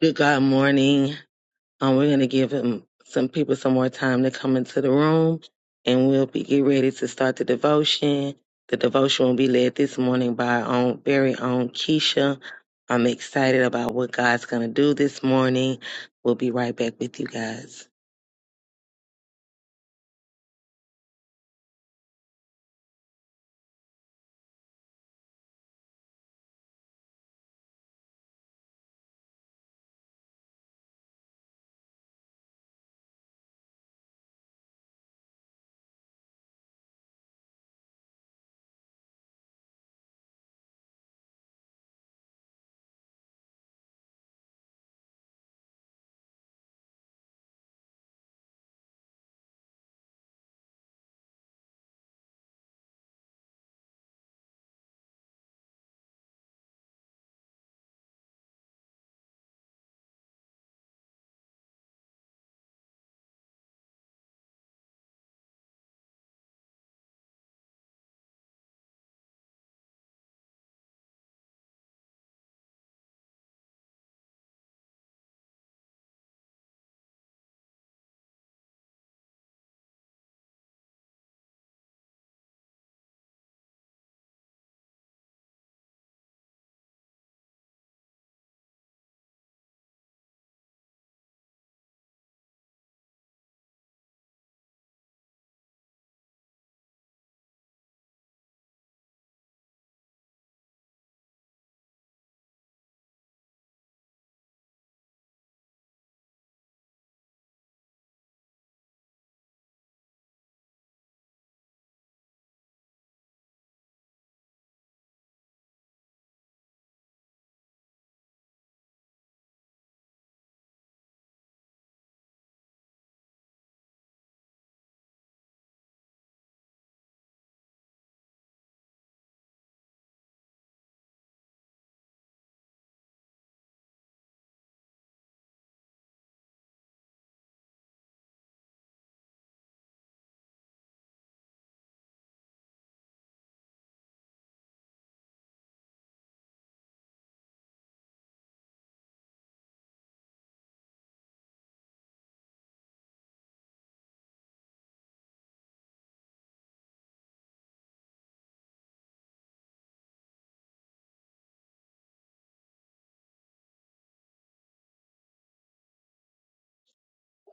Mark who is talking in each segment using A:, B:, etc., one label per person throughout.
A: Good God morning. Um, we're going to give him some people some more time to come into the room, and we'll be get ready to start the devotion. The devotion will be led this morning by our own very own Keisha. I'm excited about what God's going to do this morning. We'll be right back with you guys.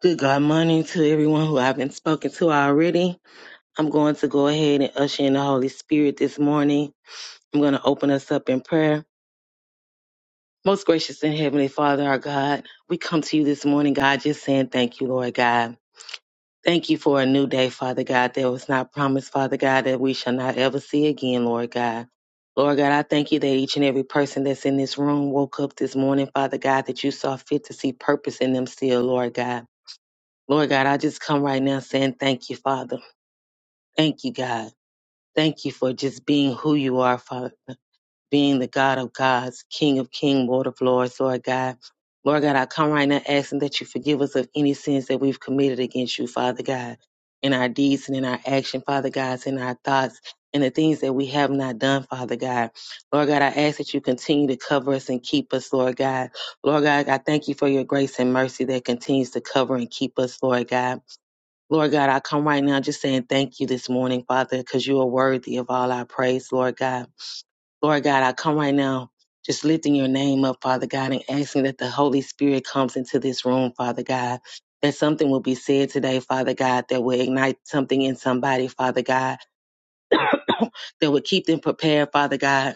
A: Good God morning to everyone who I've been spoken to already. I'm going to go ahead and usher in the Holy Spirit this morning. I'm going to open us up in prayer. Most gracious and heavenly Father, our God, we come to you this morning, God, just saying thank you, Lord God. Thank you for a new day, Father God, that was not promised, Father God, that we shall not ever see again, Lord God. Lord God, I thank you that each and every person that's in this room woke up this morning, Father God, that you saw fit to see purpose in them still, Lord God. Lord God, I just come right now saying thank you, Father. Thank you, God. Thank you for just being who you are, Father being the God of gods, King of kings, Lord of lords, Lord God. Lord God, I come right now asking that you forgive us of any sins that we've committed against you, Father God, in our deeds and in our action, Father God, in our thoughts and the things that we have not done, Father God. Lord God, I ask that you continue to cover us and keep us, Lord God. Lord God, I thank you for your grace and mercy that continues to cover and keep us, Lord God. Lord God, I come right now just saying thank you this morning, Father, because you are worthy of all our praise, Lord God. Lord God, I come right now just lifting your name up, Father God, and asking that the Holy Spirit comes into this room, Father God. That something will be said today, Father God, that will ignite something in somebody, Father God, that will keep them prepared, Father God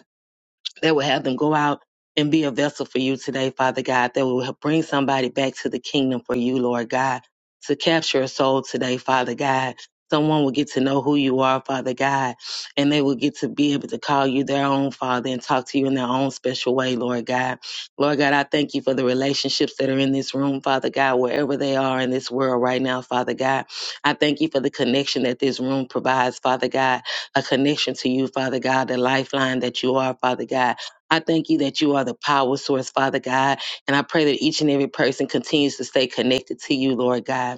A: that will have them go out and be a vessel for you today, Father God, that will help bring somebody back to the kingdom for you, Lord God, to capture a soul today, Father God. Someone will get to know who you are, Father God, and they will get to be able to call you their own Father and talk to you in their own special way, Lord God. Lord God, I thank you for the relationships that are in this room, Father God, wherever they are in this world right now, Father God. I thank you for the connection that this room provides, Father God a connection to you, Father God, the lifeline that you are, Father God. I thank you that you are the power source, Father God. And I pray that each and every person continues to stay connected to you, Lord God.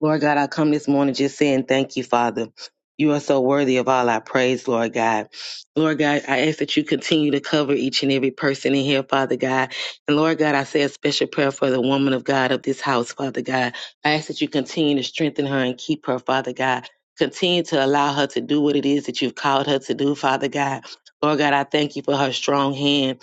A: Lord God, I come this morning just saying thank you, Father. You are so worthy of all our praise, Lord God. Lord God, I ask that you continue to cover each and every person in here, Father God. And Lord God, I say a special prayer for the woman of God of this house, Father God. I ask that you continue to strengthen her and keep her, Father God. Continue to allow her to do what it is that you've called her to do, Father God. Lord God, I thank you for her strong hand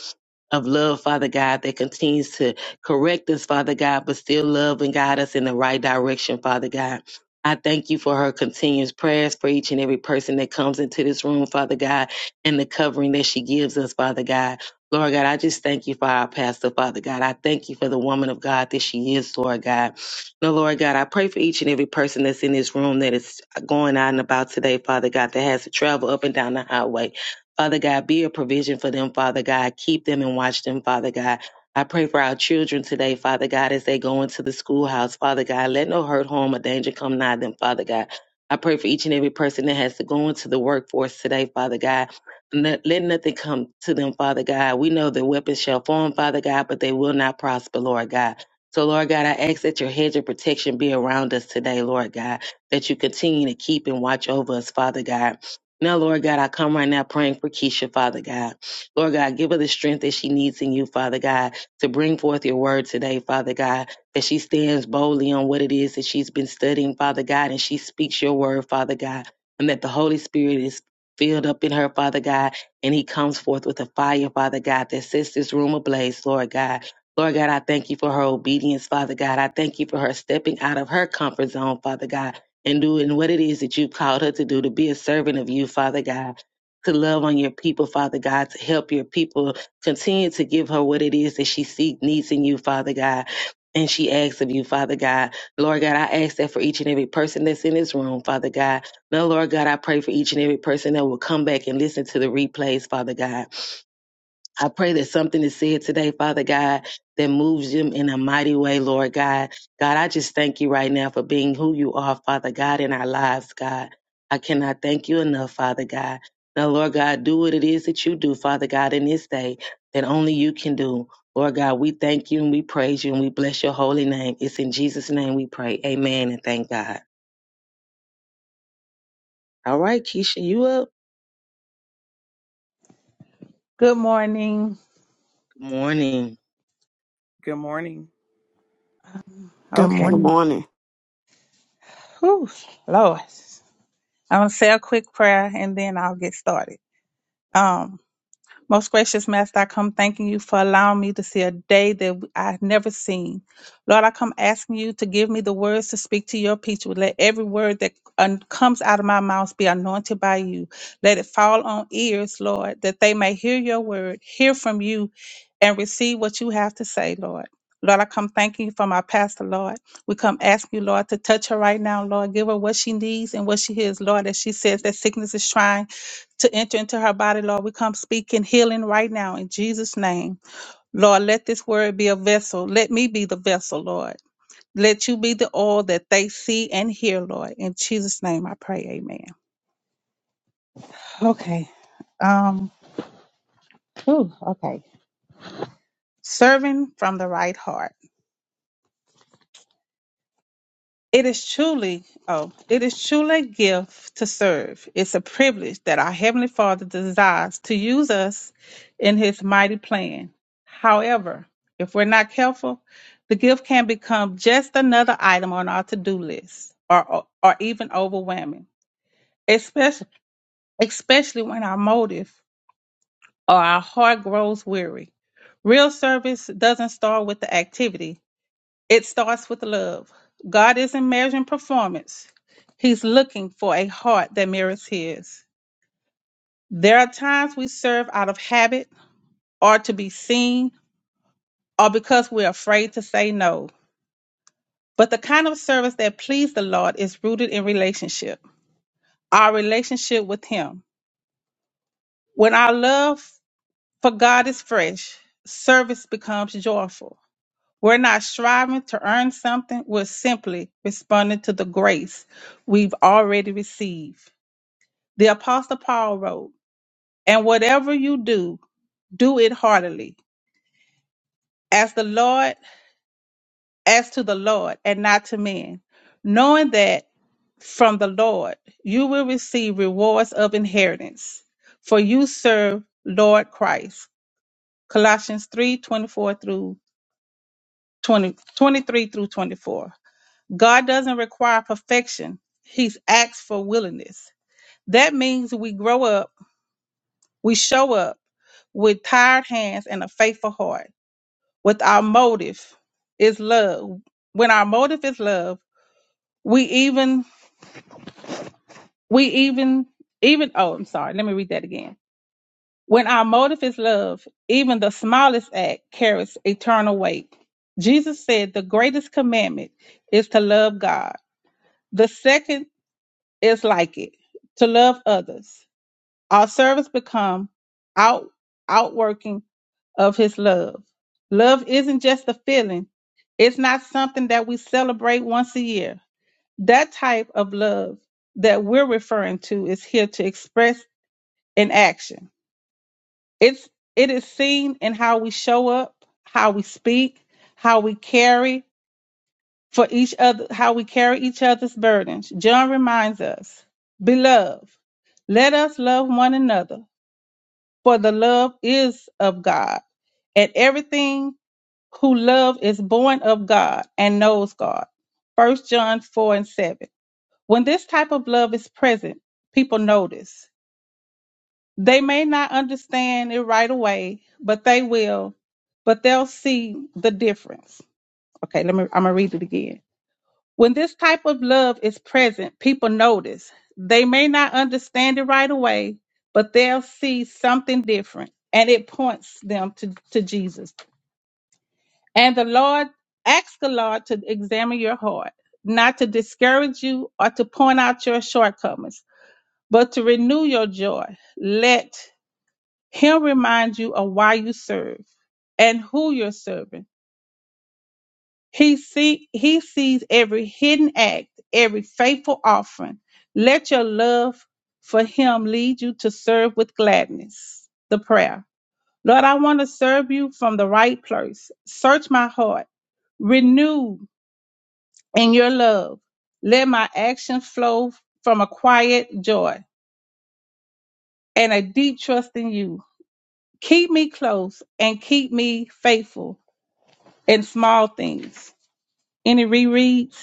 A: of love, Father God, that continues to correct us, Father God, but still love and guide us in the right direction, Father God. I thank you for her continuous prayers for each and every person that comes into this room, Father God, and the covering that she gives us, Father God. Lord God, I just thank you for our pastor, Father God. I thank you for the woman of God that she is, Lord God. No, Lord God, I pray for each and every person that's in this room that is going out and about today, Father God, that has to travel up and down the highway. Father God, be a provision for them, Father God. Keep them and watch them, Father God. I pray for our children today, Father God, as they go into the schoolhouse, Father God. Let no hurt, harm, or danger come nigh them, Father God. I pray for each and every person that has to go into the workforce today, Father God. Let let nothing come to them, Father God. We know the weapons shall form, Father God, but they will not prosper, Lord God. So, Lord God, I ask that your hedge of protection be around us today, Lord God, that you continue to keep and watch over us, Father God. Now, Lord God, I come right now praying for Keisha, Father God. Lord God, give her the strength that she needs in you, Father God, to bring forth your word today, Father God, that she stands boldly on what it is that she's been studying, Father God, and she speaks your word, Father God, and that the Holy Spirit is filled up in her, Father God, and he comes forth with a fire, Father God, that sets this room ablaze, Lord God. Lord God, I thank you for her obedience, Father God. I thank you for her stepping out of her comfort zone, Father God and doing what it is that you've called her to do, to be a servant of you, Father God, to love on your people, Father God, to help your people. Continue to give her what it is that she seeks, needs in you, Father God. And she asks of you, Father God. Lord God, I ask that for each and every person that's in this room, Father God. Now, Lord God, I pray for each and every person that will come back and listen to the replays, Father God. I pray that something is said today, Father God, that moves them in a mighty way, Lord God. God, I just thank you right now for being who you are, Father God, in our lives, God. I cannot thank you enough, Father God. Now, Lord God, do what it is that you do, Father God, in this day that only you can do. Lord God, we thank you and we praise you and we bless your holy name. It's in Jesus' name we pray. Amen and thank God. All right, Keisha, you up?
B: Good morning.
A: Good morning.
C: Good morning.
D: Good
B: Okay.
E: Good
D: morning.
E: morning.
B: Whew, Lord. I'm gonna say a quick prayer and then I'll get started. Um, Most gracious Master, I come thanking you for allowing me to see a day that I've never seen. Lord, I come asking you to give me the words to speak to your people. Let every word that un- comes out of my mouth be anointed by you. Let it fall on ears, Lord, that they may hear your word, hear from you, and receive what you have to say, Lord. Lord, I come thanking you for my pastor, Lord. We come asking you, Lord, to touch her right now, Lord. Give her what she needs and what she hears, Lord, as she says that sickness is trying to enter into her body, Lord. We come speaking healing right now in Jesus' name. Lord, let this word be a vessel. Let me be the vessel, Lord. Let you be the oil that they see and hear, Lord. In Jesus' name I pray. Amen. Okay. Um, whew, okay. Serving from the right heart. It is truly, oh, it is truly a gift to serve. It's a privilege that our Heavenly Father desires to use us in His mighty plan. However, if we're not careful, the gift can become just another item on our to do list or, or even overwhelming, especially, especially when our motive or our heart grows weary. Real service doesn't start with the activity, it starts with love. God isn't measuring performance, He's looking for a heart that mirrors His. There are times we serve out of habit or to be seen or because we're afraid to say no. But the kind of service that pleases the Lord is rooted in relationship, our relationship with Him. When our love for God is fresh, service becomes joyful. We're not striving to earn something, we're simply responding to the grace we've already received. The Apostle Paul wrote, And whatever you do, do it heartily, as the Lord, as to the Lord, and not to men, knowing that from the Lord you will receive rewards of inheritance, for you serve Lord Christ. Colossians 3:24 through 20, 23 through 24. God doesn't require perfection, He's asked for willingness. That means we grow up, we show up with tired hands and a faithful heart. with our motive is love when our motive is love we even we even even oh i'm sorry let me read that again when our motive is love even the smallest act carries eternal weight jesus said the greatest commandment is to love god the second is like it to love others Our service become out outworking of his love. Love isn't just a feeling. It's not something that we celebrate once a year. That type of love that we're referring to is here to express in action. It's it is seen in how we show up, how we speak, how we carry for each other, how we carry each other's burdens. John reminds us, beloved, let us love one another for the love is of God. And everything who love is born of God and knows God. First John 4 and 7. When this type of love is present, people notice. They may not understand it right away, but they will, but they'll see the difference. Okay, let me I'm gonna read it again. When this type of love is present, people notice. They may not understand it right away, but they'll see something different and it points them to, to Jesus. And the Lord, ask the Lord to examine your heart, not to discourage you or to point out your shortcomings, but to renew your joy. Let Him remind you of why you serve and who you're serving He see he sees every hidden act, every faithful offering. Let your love for him lead you to serve with gladness. The prayer. Lord, I want to serve you from the right place. Search my heart. Renew in your love. Let my actions flow from a quiet joy and a deep trust in you. Keep me close and keep me faithful in small things. Any rereads?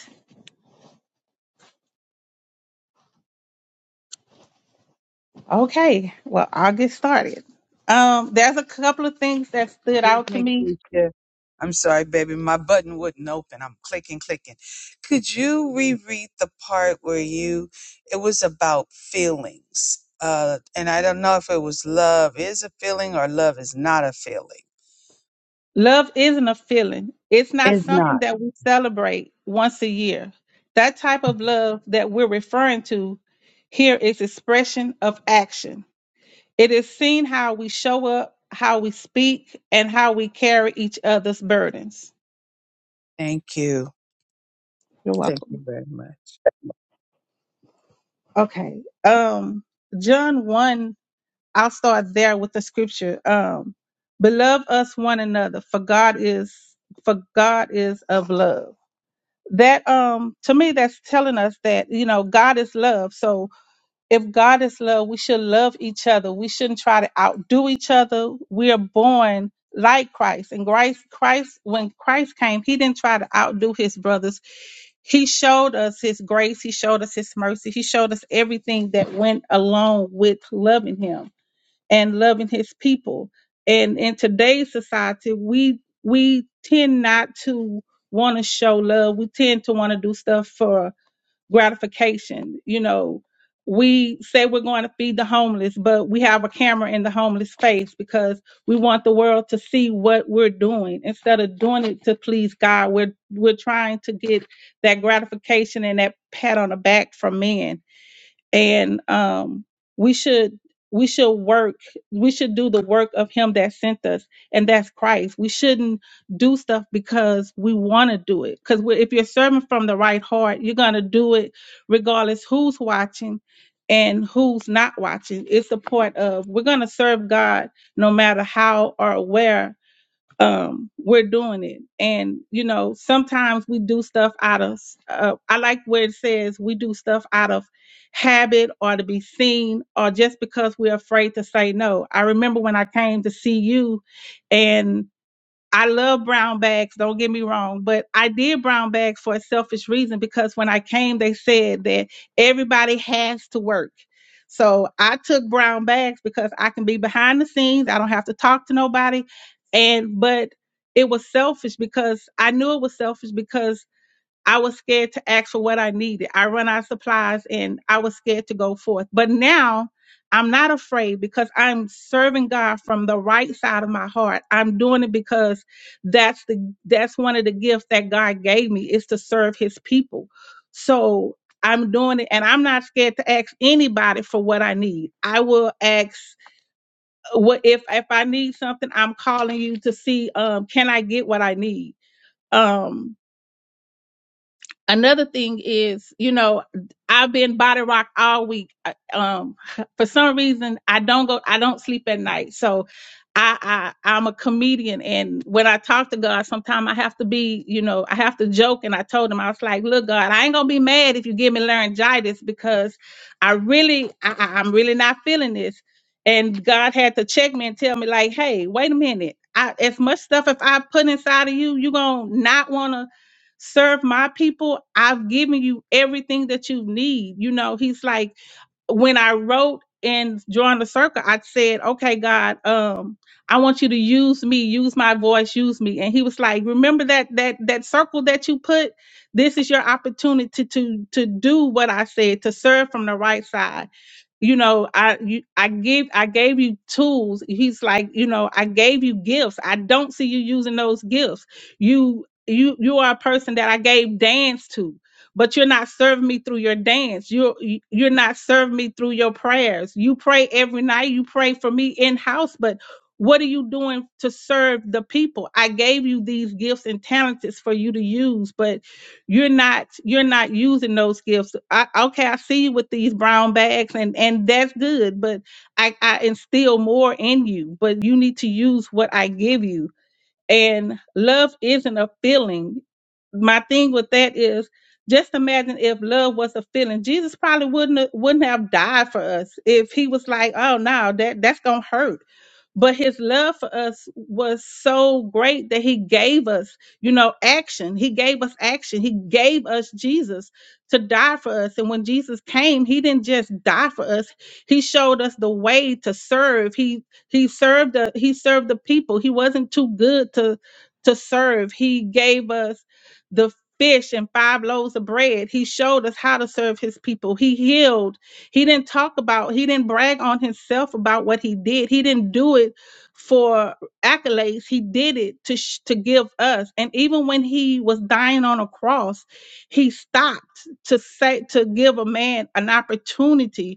B: Okay, well, I'll get started. Um, there's a couple of things that stood
F: Excuse
B: out to
F: me,
B: me.
F: Keisha. I'm sorry, baby. My button wouldn't open. I'm clicking, clicking. Could you reread the part where you, it was about feelings? Uh, and I don't know if it was love is a feeling or love is not a feeling.
B: Love isn't a feeling, it's not
F: It's
B: something
F: not.
B: that we celebrate once a year. That type of love that we're referring to here is expression of action. It is seen how we show up, how we speak, and how we carry each other's burdens.
F: Thank you.
B: You're
F: Thank you
B: welcome.
F: very much.
B: Okay. Um, John 1 I'll start there with the scripture. Um, Beloved us one another, for God is for God is of love. That um to me that's telling us that, you know, God is love. So if God is love, we should love each other. We shouldn't try to outdo each other. We are born like Christ. And Christ Christ when Christ came, he didn't try to outdo his brothers. He showed us his grace, he showed us his mercy, he showed us everything that went along with loving him and loving his people. And in today's society, we we tend not to want to show love. We tend to want to do stuff for gratification. You know, we say we're going to feed the homeless, but we have a camera in the homeless face because we want the world to see what we're doing. Instead of doing it to please God, we're we're trying to get that gratification and that pat on the back from men and um, we should we should work we should do the work of him that sent us and that's christ we shouldn't do stuff because we want to do it because if you're serving from the right heart you're going to do it regardless who's watching and who's not watching it's a part of we're going to serve god no matter how or where um we're doing it and you know sometimes we do stuff out of uh, i like where it says we do stuff out of habit or to be seen or just because we're afraid to say no i remember when i came to see you and I love brown bags, don't get me wrong, but I did brown bags for a selfish reason because when I came, they said that everybody has to work. So I took brown bags because I can be behind the scenes. I don't have to talk to nobody. And, but it was selfish because I knew it was selfish because I was scared to ask for what I needed. I run out of supplies and I was scared to go forth. But now I'm not afraid because I'm serving God from the right side of my heart. I'm doing it because that's the that's one of the gifts that God gave me is to serve his people. So I'm doing it and I'm not scared to ask anybody for what I need. I will ask what if if I need something, I'm calling you to see um can I get what I need. Um another thing is you know i've been body rock all week I- um for some reason i don't go i don't sleep at night so i i i'm a comedian and when i talk to god sometimes i have to be you know i have to joke and i told him i was like look god i ain't gonna be mad if you give me laryngitis because i really I, I- i'm really not feeling this and god had to check me and tell me like hey wait a minute I, as much stuff if i put inside of you you gonna not wanna serve my people i've given you everything that you need you know he's like when i wrote and drawing the circle i said okay god um i want you to use me use my voice use me and he was like remember that that that circle that you put this is your opportunity to to to do what i said to serve from the right side you know i you, i give i gave you tools he's like you know i gave you gifts i don't see you using those gifts you you you are a person that i gave dance to but you're not serving me through your dance you're you- you're not serving me through your prayers you pray every night you pray for me in house but what are you doing to serve the people i gave you these gifts and talents for you to use but you're not you're not using those gifts I, okay i see you with these brown bags and and that's good but i i instill more in you but you need to use what i give you and love isn't a feeling my thing with that is just imagine if love was a feeling jesus probably wouldn't wouldn't have died for us if he was like oh no that that's gonna hurt but his love for us was so great that he gave us you know action he gave us action he gave us jesus to die for us and when jesus came he didn't just die for us he showed us the way to serve he he served the he served the people he wasn't too good to to serve he gave us the fish and five loaves of bread he showed us how to serve his people he healed he didn't talk about, he didn't brag on himself about what he did. He didn't do it for accolades. He did it to sh- to give us. And even when he was dying on a cross, he stopped to say to give a man an opportunity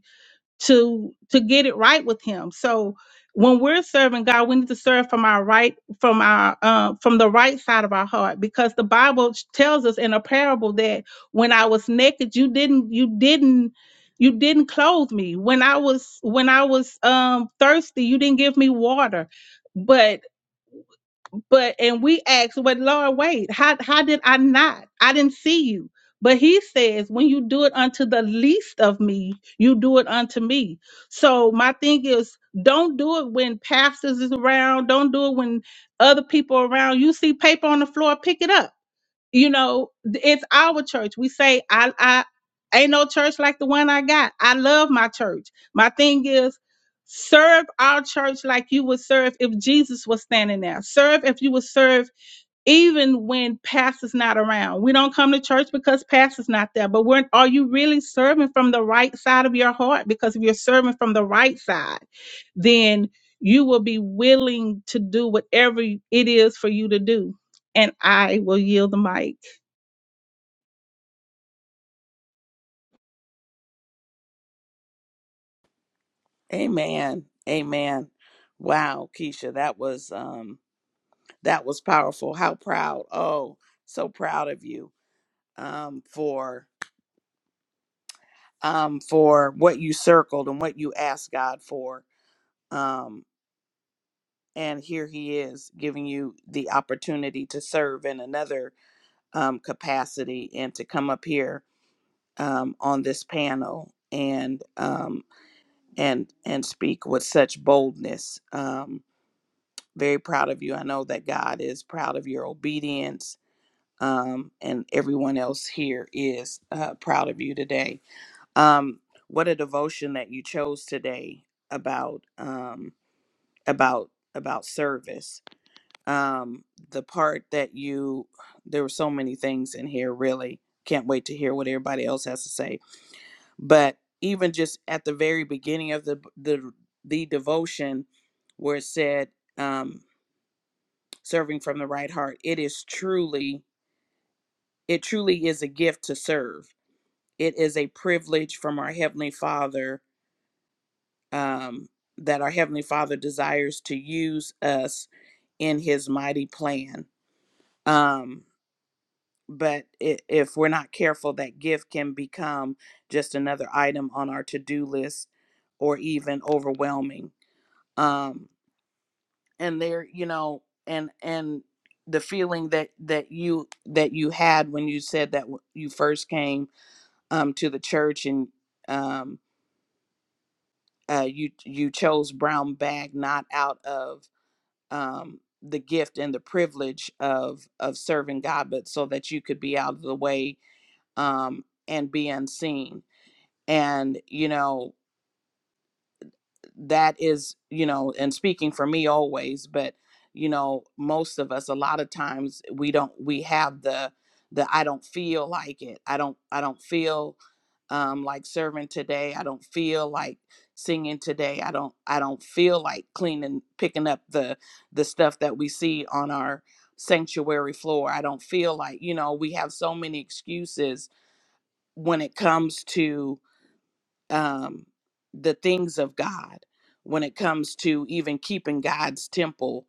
B: to to get it right with him so when we're serving god we need to serve from our right from our uh, from the right side of our heart because the bible tells us in a parable that when i was naked you didn't you didn't you didn't clothe me when i was when i was um thirsty you didn't give me water but but and we ask, well, Lord, wait, how how did I not? I didn't see you. But he says, when you do it unto the least of me, you do it unto me. So my thing is, don't do it when pastors is around. Don't do it when other people are around. You see paper on the floor, pick it up you know it's our church we say i i ain't no church like the one i got i love my church my thing is serve our church like you would serve if jesus was standing there serve if you would serve even when pastor's not around we don't come to church because pastor's not there but when are you really serving from the right side of your heart because if you're serving from the right side then you will be willing to do whatever it is for you to do and i will yield the mic
C: Amen. Amen. Wow, Keisha, that was um that was powerful. How proud. Oh, so proud of you um for um for what you circled and what you asked God for. Um and here he is giving you the opportunity to serve in another um capacity and to come up here um on this panel and um and and speak with such boldness. Um very proud of you. I know that God is proud of your obedience, um, and everyone else here is uh, proud of you today. Um, what a devotion that you chose today about um, about about service. Um, the part that you there were so many things in here. Really, can't wait to hear what everybody else has to say. But even just at the very beginning of the the the devotion, where it said. Um, serving from the right heart. It is truly, it truly is a gift to serve. It is a privilege from our Heavenly Father um, that our Heavenly Father desires to use us in His mighty plan. Um, but i if we're not careful, that gift can become just another item on our to do list or even overwhelming. Um, and there you know and and the feeling that that you that you had when you said that you first came um to the church and um uh you you chose brown bag not out of um the gift and the privilege of of serving God but so that you could be out of the way um and be unseen and you know that is you know and speaking for me always but you know most of us a lot of times we don't we have the the i don't feel like it i don't i don't feel um like serving today i don't feel like singing today i don't i don't feel like cleaning picking up the the stuff that we see on our sanctuary floor i don't feel like you know we have so many excuses when it comes to um, the things of God when it comes to even keeping God's temple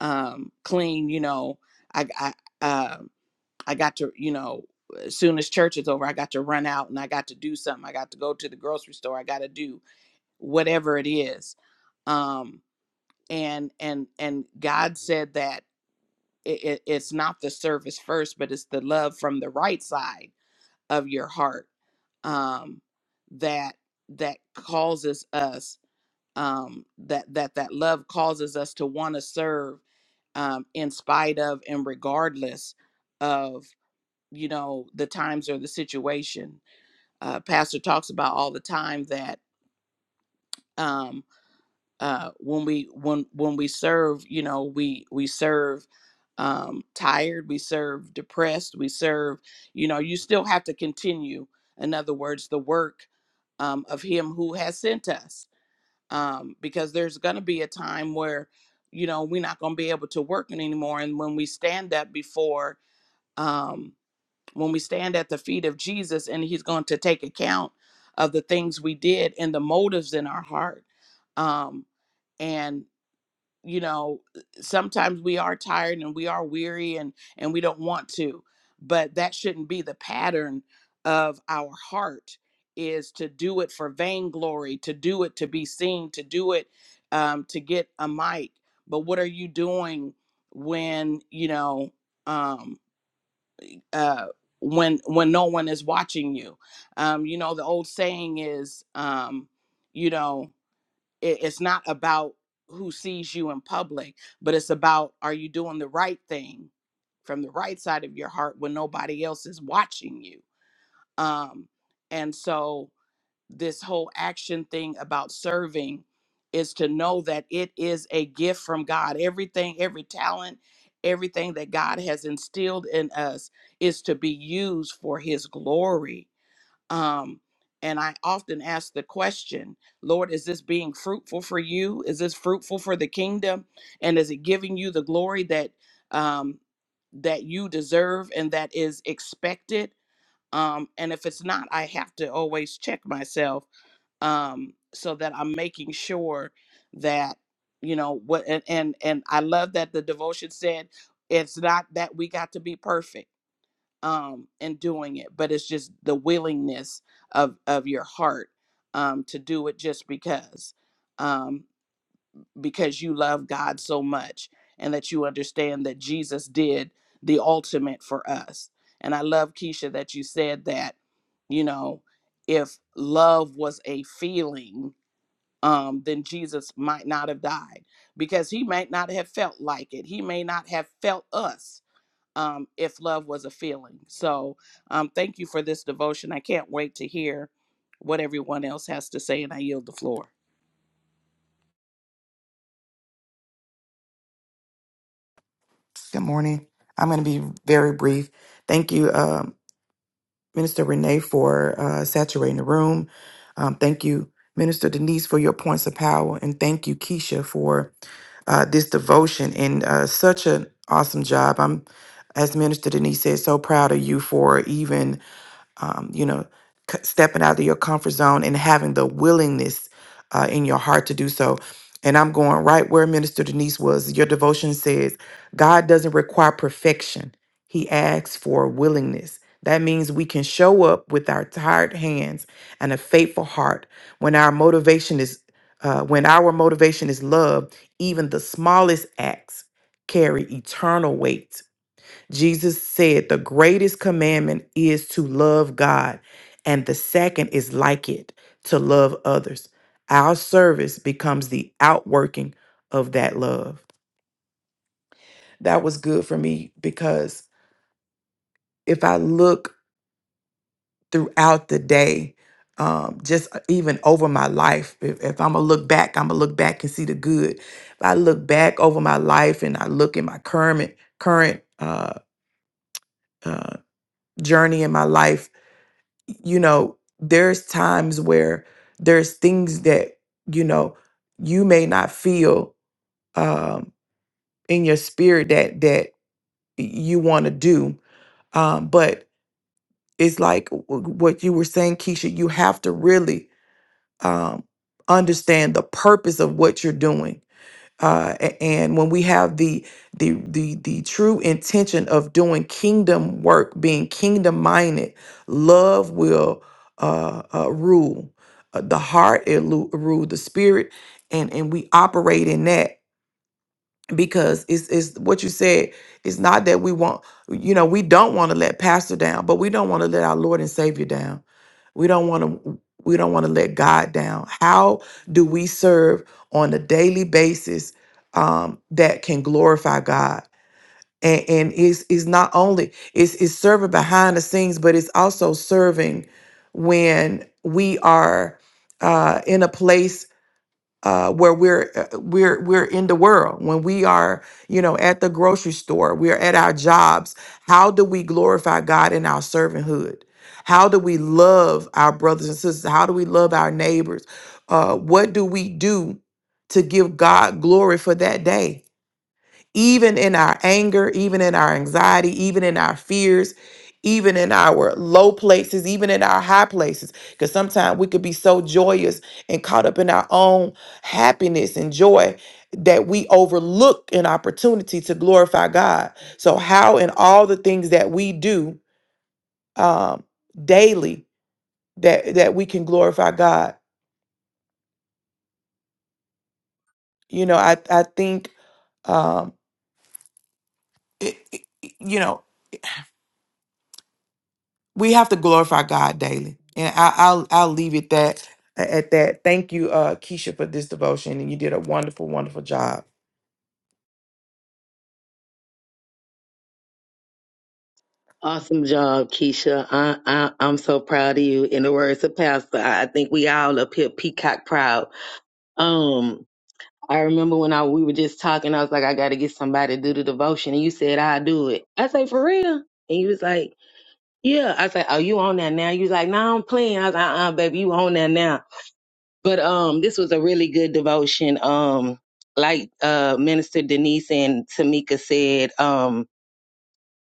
C: um, clean. You know, I I, uh, I got to you know as soon as church is over, I got to run out and I got to do something. I got to go to the grocery store. I got to do whatever it is. Um, and and and God said that it, it, it's not the service first, but it's the love from the right side of your heart um, that that causes us um, that that that love causes us to want to serve um, in spite of and regardless of you know the times or the situation. Uh, Pastor talks about all the time that um, uh, when we when when we serve, you know, we we serve um, tired, we serve depressed, we serve. You know, you still have to continue. In other words, the work um, of Him who has sent us um, because there's going to be a time where you know we're not going to be able to work it anymore and when we stand up before um, when we stand at the feet of jesus and he's going to take account of the things we did and the motives in our heart um, and you know sometimes we are tired and we are weary and and we don't want to but that shouldn't be the pattern of our heart is to do it for vainglory to do it to be seen to do it um, to get a mic but what are you doing when you know um uh when when no one is watching you um you know the old saying is um you know it, it's not about who sees you in public, but it's about are you doing the right thing from the right side of your heart when nobody else is watching you? Um, and so, this whole action thing about serving is to know that it is a gift from God. Everything, every talent, everything that God has instilled in us is to be used for His glory um, and I often ask the question, Lord, is this being fruitful for you? Is this fruitful for the kingdom? And is it giving you the glory that um, that you deserve and that is expected? Um, and if it's not, I have to always check myself um, so that I'm making sure that you know what. And, and and I love that the devotion said, "It's not that we got to be perfect." um, in doing it, but it's just the willingness of of your heart um, to do it just because um, because you love God so much and that you understand that Jesus did the ultimate for us. And I love Keisha that you said that you know if love was a feeling. Um, then Jesus might not have died because he might not have felt like it. He may not have felt us um, if love was a feeling. So um, thank you for this devotion. I can't wait to hear what everyone else has to say, and I yield the floor.
D: Good morning. I'm going to be very brief. Thank you, um, Minister Renee, for uh, saturating the room. Um, thank you, Minister Denise, for your points of power. And thank you, Keisha, for uh, this devotion and uh, such an awesome job. I'm, as Minister Denise said, so proud of you for even um, you know, c- stepping out of your comfort zone and having the willingness uh, in your heart to do so. And I'm going right where Minister Denise was. Your devotion says, God doesn't require perfection, He asks for willingness. That means we can show up with our tired hands and a faithful heart when our motivation is. Uh, when our motivation is love, even the smallest acts carry eternal weight. Jesus said, The greatest commandment is to love God, and the second is like it, to love others. Our service becomes the outworking of that love. That was good for me because if I look throughout the day, um, just uh, even over my life, if, if I'm gonna look back, I'm gonna look back and see the good. If I look back over my life and I look at my current current uh, uh, journey in my life, you know, there's times where there's things that, you know, you may not feel um in your spirit that that you want to do. Um, but it's like w- what you were saying, Keisha, you have to really um understand the purpose of what you're doing uh, a- and when we have the the the the true intention of doing kingdom work, being kingdom minded, love will uh, uh, rule. Uh, the heart it lu- rule the spirit, and and we operate in that because it's it's what you said. It's not that we want, you know, we don't want to let pastor down, but we don't want to let our Lord and Savior down. We don't want to we don't want to let God down. How do we serve on a daily basis um, that can glorify God? And, and it's, it's not only it's, it's serving behind the scenes, but it's also serving when we are uh, in a place uh, where we're uh, we're we're in the world when we are you know at the grocery store we're at our jobs how do we glorify god in our servanthood how do we love our brothers and sisters how do we love our neighbors uh, what do we do to give god glory for that day even in our anger, even in our anxiety, even in our fears, even in our low places, even in our high places. Because sometimes we could be so joyous and caught up in our own happiness and joy that we overlook an opportunity to glorify God. So, how in all the things that we do um, daily that that we can glorify God? You know, I I think um, it, it- you know we have to glorify God daily. And I, I'll I'll leave it that at that. Thank you, uh, Keisha, for this devotion, and you did a wonderful, wonderful job.
A: Awesome job, Keisha. I, I, I'm so proud of you. In the words of Pastor, I I think we all up here peacock proud. Um, I remember when I we were just talking, I was like, I got to get somebody to do the devotion, and you said I do it. I say for real, and you was like, Yeah. I said, Oh, you on that now? You was like, No, I'm playing. I was like, Uh, uh baby, you on that now? But um, this was a really good devotion. Um, like uh, Minister Denise and Tamika said, um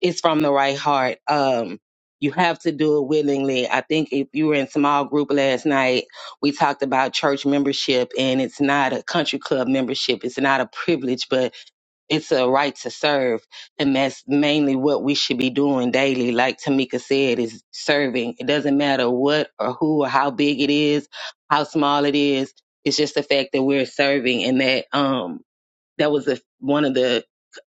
A: it's from the right heart. Um, you have to do it willingly. I think if you were in small group last night, we talked about church membership and it's not a country club membership. It's not a privilege, but it's a right to serve. And that's mainly what we should be doing daily. Like Tamika said, is serving. It doesn't matter what or who or how big it is, how small it is. It's just the fact that we're serving and that, um, that was a, one of the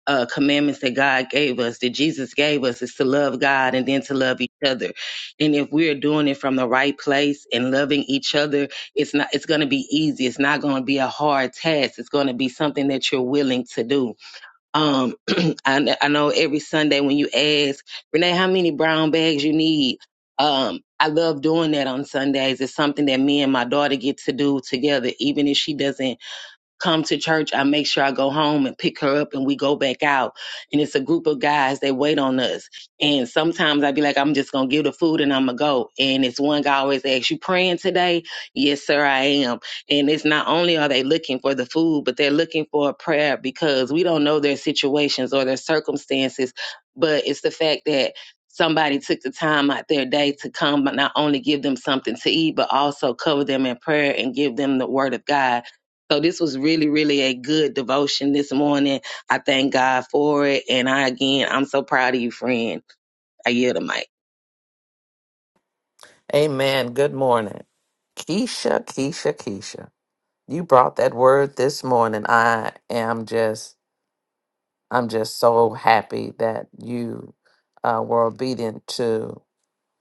A: uh, commandments that God gave us, that Jesus gave us, is to love God and then to love each other. And if we're doing it from the right place and loving each other, it's not. It's going to be easy. It's not going to be a hard task. It's going to be something that you're willing to do. Um, I, kn- I know every Sunday when you ask Renee how many brown bags you need. Um, I love doing that on Sundays. It's something that me and my daughter get to do together, even if she doesn't come to church, I make sure I go home and pick her up and we go back out. And it's a group of guys that wait on us. And sometimes I'd be like, I'm just gonna give the food and I'm gonna go. And it's one guy always asks, You praying today? Yes, sir, I am. And it's not only are they looking for the food, but they're looking for a prayer because we don't know their situations or their circumstances, but it's the fact that Somebody took the time out their day to come, but not only give them something to eat, but also cover them in prayer and give them the word of God so this was really, really a good devotion this morning. I thank God for it. And I again I'm so proud of you, friend. I yield the mic.
G: Amen. Good morning. Keisha, Keisha, Keisha. You brought that word this morning. I am just, I'm just so happy that you uh, were obedient to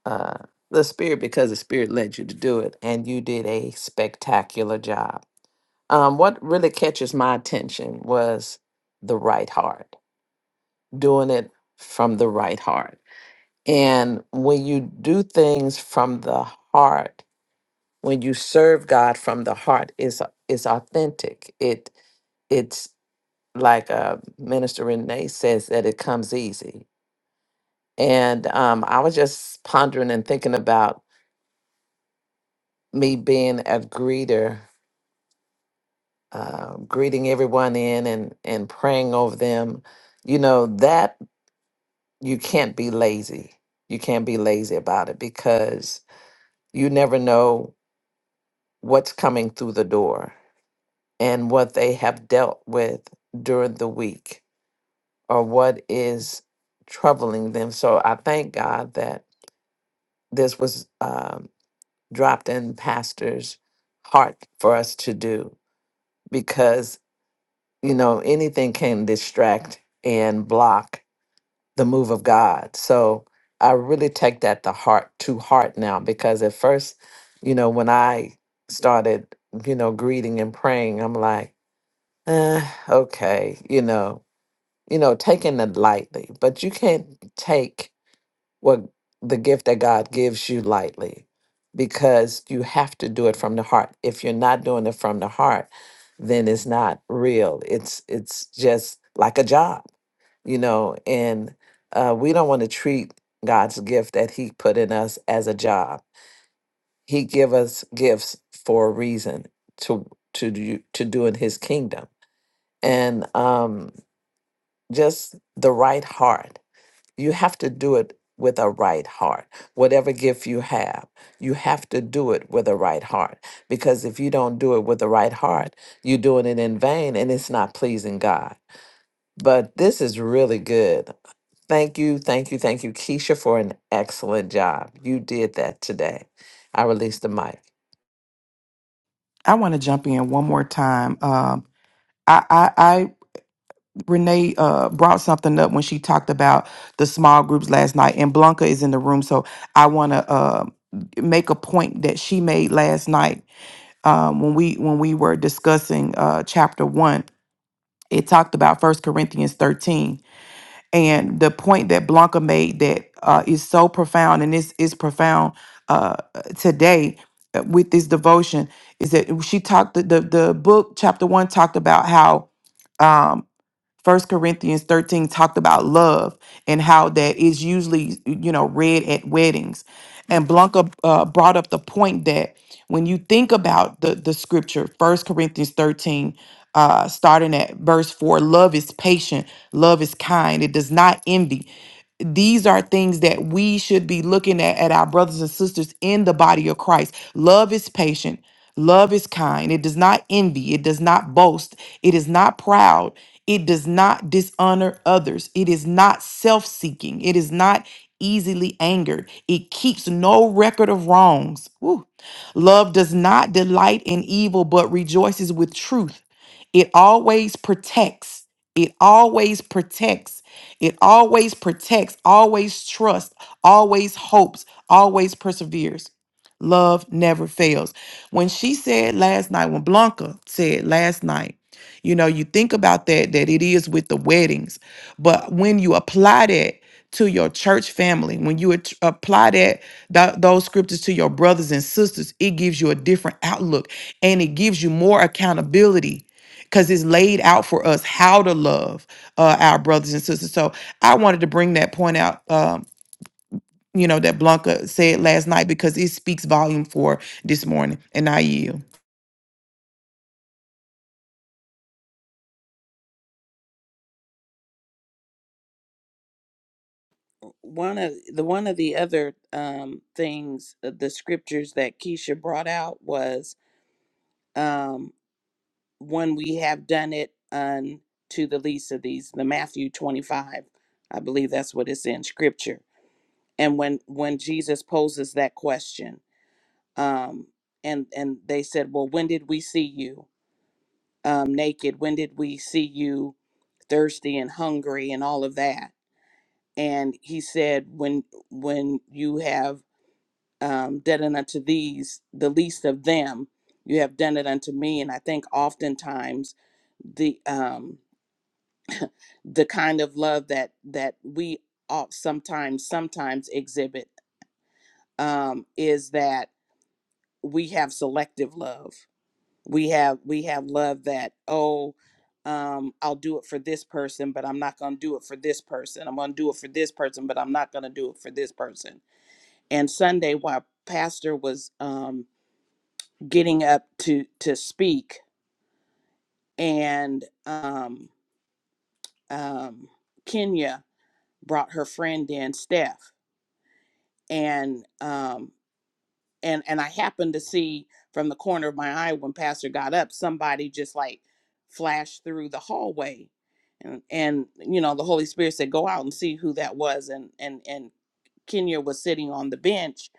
G: uh, the Spirit because the Spirit led you to do it, and you did a spectacular job. Um, what really catches my attention was the right heart, doing it from the right heart. And when you do things from the heart, when you serve God from the heart is is authentic. It it's like uh, Minister Renee says that it comes easy. And um, I was just pondering and thinking about me being a greeter, uh, greeting everyone in and and praying over them. You know that you can't be lazy. You can't be lazy about it because you never know what's coming through the door and what they have dealt with during the week or what is troubling them. So I thank God that this was um, dropped in Pastor's heart for us to do because, you know, anything can distract and block the move of God. So I really take that to heart to heart now because at first, you know, when I started, you know, greeting and praying, I'm like, eh, okay, you know, you know, taking it lightly. But you can't take what the gift that God gives you lightly because you have to do it from the heart. If you're not doing it from the heart, then it's not real. It's it's just like a job, you know, and uh, we don't want to treat God's gift that he put in us as a job. He give us gifts for a reason to to do to do in his kingdom. And um just the right heart you have to do it with a right heart. Whatever gift you have, you have to do it with a right heart. Because if you don't do it with the right heart, you're doing it in vain and it's not pleasing God. But this is really good. Thank you, thank you, thank you, Keisha, for an excellent job. You did that today. I released the mic.
D: I want to jump in one more time. Um, I, I, I Renee uh, brought something up when she talked about the small groups last night, and Blanca is in the room, so I want to uh, make a point that she made last night um, when we when we were discussing uh, chapter one. It talked about First Corinthians thirteen, And the point that Blanca made that uh, is so profound and is is profound uh, today uh, with this devotion is that she talked the, the the book chapter one talked about how um, First Corinthians 13 talked about love and how that is usually, you know, read at weddings. And Blanca uh, brought up the point that when you think about the, the scripture, First Corinthians 13, uh, starting at verse 4, love is patient, love is kind, it does not envy these are things that we should be looking at at our brothers and sisters in the body of Christ. Love is patient. Love is kind. It does not envy. It does not boast. It is not proud. It does not dishonor others. It is not self seeking. It is not easily angered. It keeps no record of wrongs. Woo. Love does not delight in evil, but rejoices with truth. It always protects. It always protects. It always protects, always trusts, always hopes, always perseveres. Love never fails. When she said last night, when Blanca said last night, you know, you think about that, that it is with the weddings. But when you apply that to your church family, when you at- apply that, th- those scriptures to your brothers and sisters, it gives you a different outlook and it gives you more accountability because it's laid out for us how to love uh, our brothers and sisters. So I wanted to bring that point out, um, you know, that Blanca said last night because it speaks volume for this morning. And I yield.
C: One of the one of the other um, things, uh, the scriptures that Keisha brought out was um, when we have done it unto the least of these, the Matthew twenty five, I believe that's what it's in scripture. And when when Jesus poses that question, um, and and they said, well, when did we see you? um, naked? When did we see you thirsty and hungry and all of that? And he said, when when you have um, done it unto these, the least of them, you have done it unto me. And I think oftentimes the um, the kind of love that that we all sometimes sometimes exhibit um, is that we have selective love we have we have love that oh um i'll do it for this person but i'm not going to do it for this person i'm going to do it for this person but i'm not going to do it for this person and sunday while pastor was um getting up to to speak and um um kenya brought her friend in steph and um and and I happened to see from the corner of my eye when Pastor got up, somebody just like flashed through the hallway, and and you know the Holy Spirit said, "Go out and see who that was," and and and Kenya was sitting on the bench,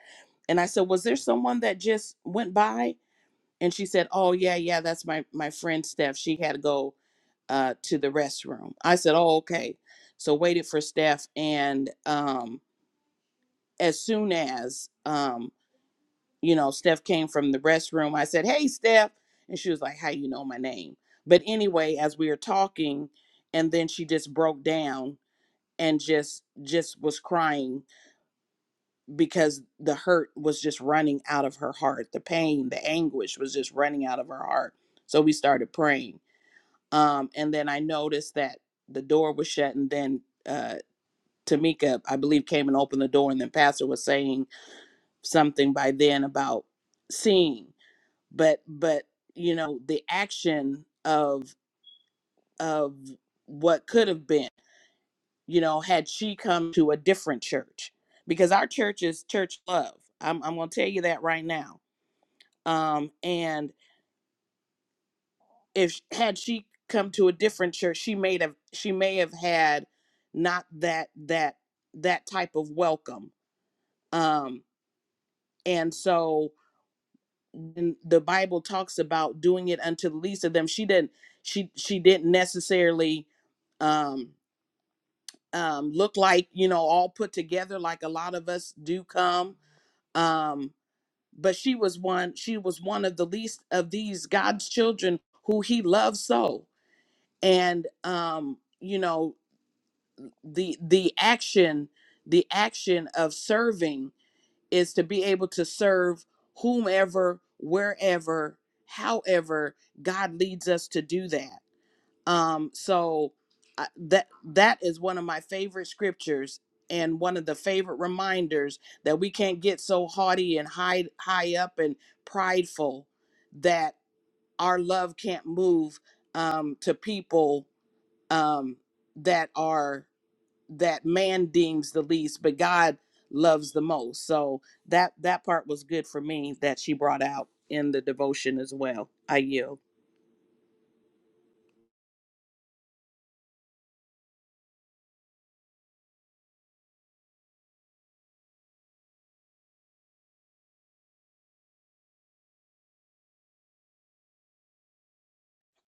C: and I said, "Was there someone that just went by?" And she said, "Oh yeah, yeah, that's my my friend Steph. She had to go uh, to the restroom." I said, "Oh okay," so waited for Steph, and um, as soon as um, you know, Steph came from the restroom. I said, "Hey, Steph," and she was like, "How you know my name?" But anyway, as we were talking, and then she just broke down and just just was crying because the hurt was just running out of her heart. The pain, the anguish was just running out of her heart. So we started praying. Um, and then I noticed that the door was shut, and then uh, Tamika, I believe, came and opened the door, and then Pastor was saying something by then about seeing. but but you know the action of of what could have been you know had she come to a different church because our church is church love i'm, I'm gonna tell you that right now um and if had she come to a different church she may have she may have had not that that that type of welcome um and so and the bible talks about doing it unto the least of them she didn't she she didn't necessarily um um look like you know all put together like a lot of us do come um but she was one she was one of the least of these god's children who he loves so and um you know the the action the action of serving is to be able to serve whomever, wherever, however God leads us to do that. Um, so I, that that is one of my favorite scriptures and one of the favorite reminders that we can't get so haughty and high high up and prideful that our love can't move um, to people um, that are that man deems the least but god loves the most so that that part was good for me that she brought out in the devotion as well i yield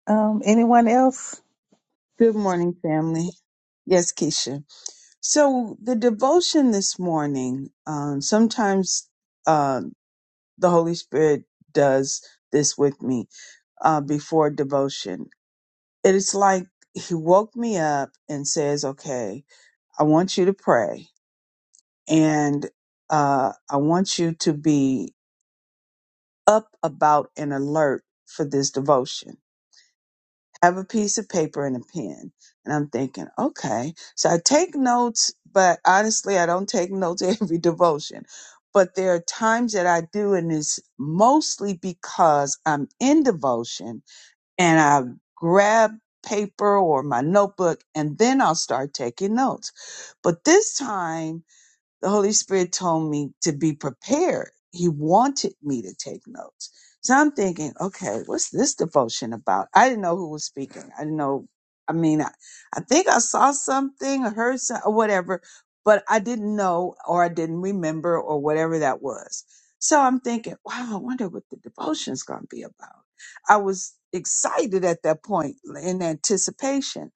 B: Um, anyone else?
F: Good morning, family. Yes, Keisha. So the devotion this morning, um, sometimes uh, the Holy Spirit does this with me. uh, before devotion. It is like he woke me up and says, "Okay, I want you to pray, and uh, I want you to be up about and alert for this devotion. Have a piece of paper and a pen." And I'm thinking, okay, so I take notes, but honestly, I don't take notes every devotion. But there are times that I do, and it's mostly because I'm in devotion and I grab paper or my notebook and then I'll start taking notes. But this time the Holy Spirit told me to be prepared. He wanted me to take notes. So I'm thinking, okay, what's this devotion about? I didn't know who was speaking. I didn't know. I mean, I, I think I saw something or heard some, or whatever, but I didn't know or I didn't remember or whatever that was. So I'm thinking, wow, I wonder what the devotion's going to be about. I was excited at that point in anticipation.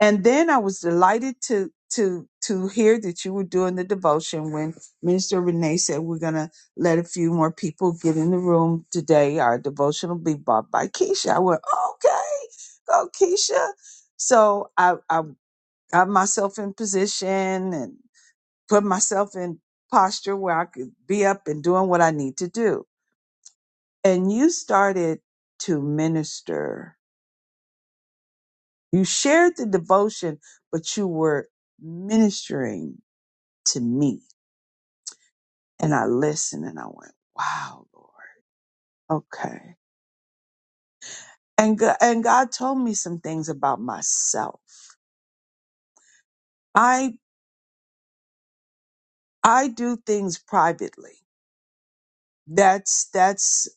F: And then I was delighted to to to hear that you were doing the devotion when Minister Renee said we're gonna let a few more people get in the room today. Our devotion will be bought by Keisha. I went, okay, go Keisha. So I I got myself in position and put myself in posture where I could be up and doing what I need to do. And you started to minister. You shared the devotion, but you were ministering to me. And I listened and I went, wow, Lord. Okay. And, Go- and God told me some things about myself. I, I do things privately. That's, that's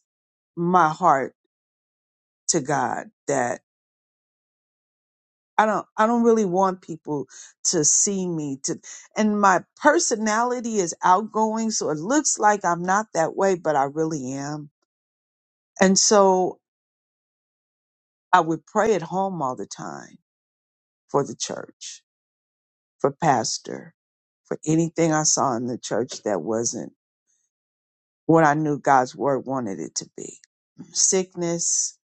F: my heart to God that I don't, I don't really want people to see me to, and my personality is outgoing. So it looks like I'm not that way, but I really am. And so I would pray at home all the time for the church, for pastor for anything I saw in the church that wasn't what I knew God's word wanted it to be. Sickness,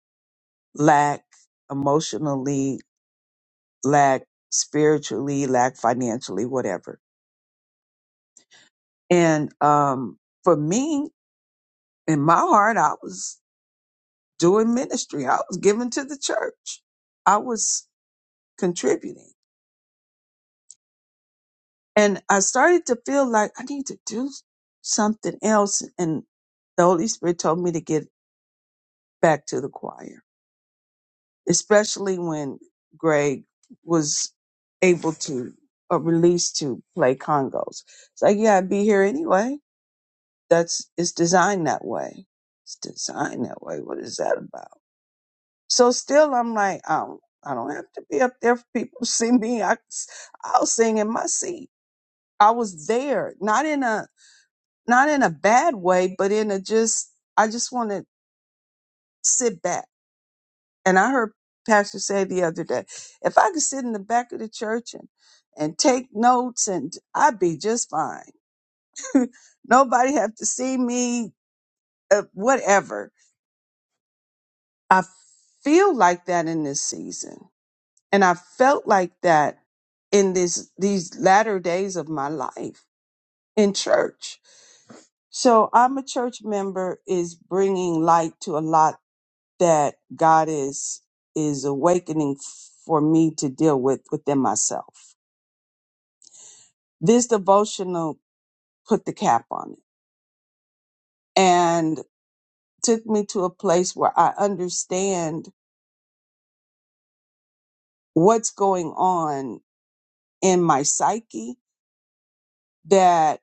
F: lack, emotionally, lack spiritually, lack financially, whatever. And um, for me, in my heart, I was doing ministry. I was giving to the church. I was contributing. And I started to feel like I need to do something else. And the Holy Spirit told me to get back to the choir especially when Greg was able to or released to play congos. It's like, yeah, I'd be here anyway. That's it's designed that way. It's designed that way. What is that about? So still, I'm like, I don't, I don't have to be up there for people to see me. I, I'll sing in my seat. I was there, not in a not in a bad way, but in a just I just want to sit back And I heard Pastor say the other day, if I could sit in the back of the church and, and take notes and I'd be just fine. Nobody have to see me, uh, whatever. I feel like that in this season. And I felt like that in this, these latter days of my life in church. So I'm a church member is bringing light to a lot that God is, is awakening for me to deal with within myself This devotional put the cap on it and took me to a place where I understand what's going on in my psyche that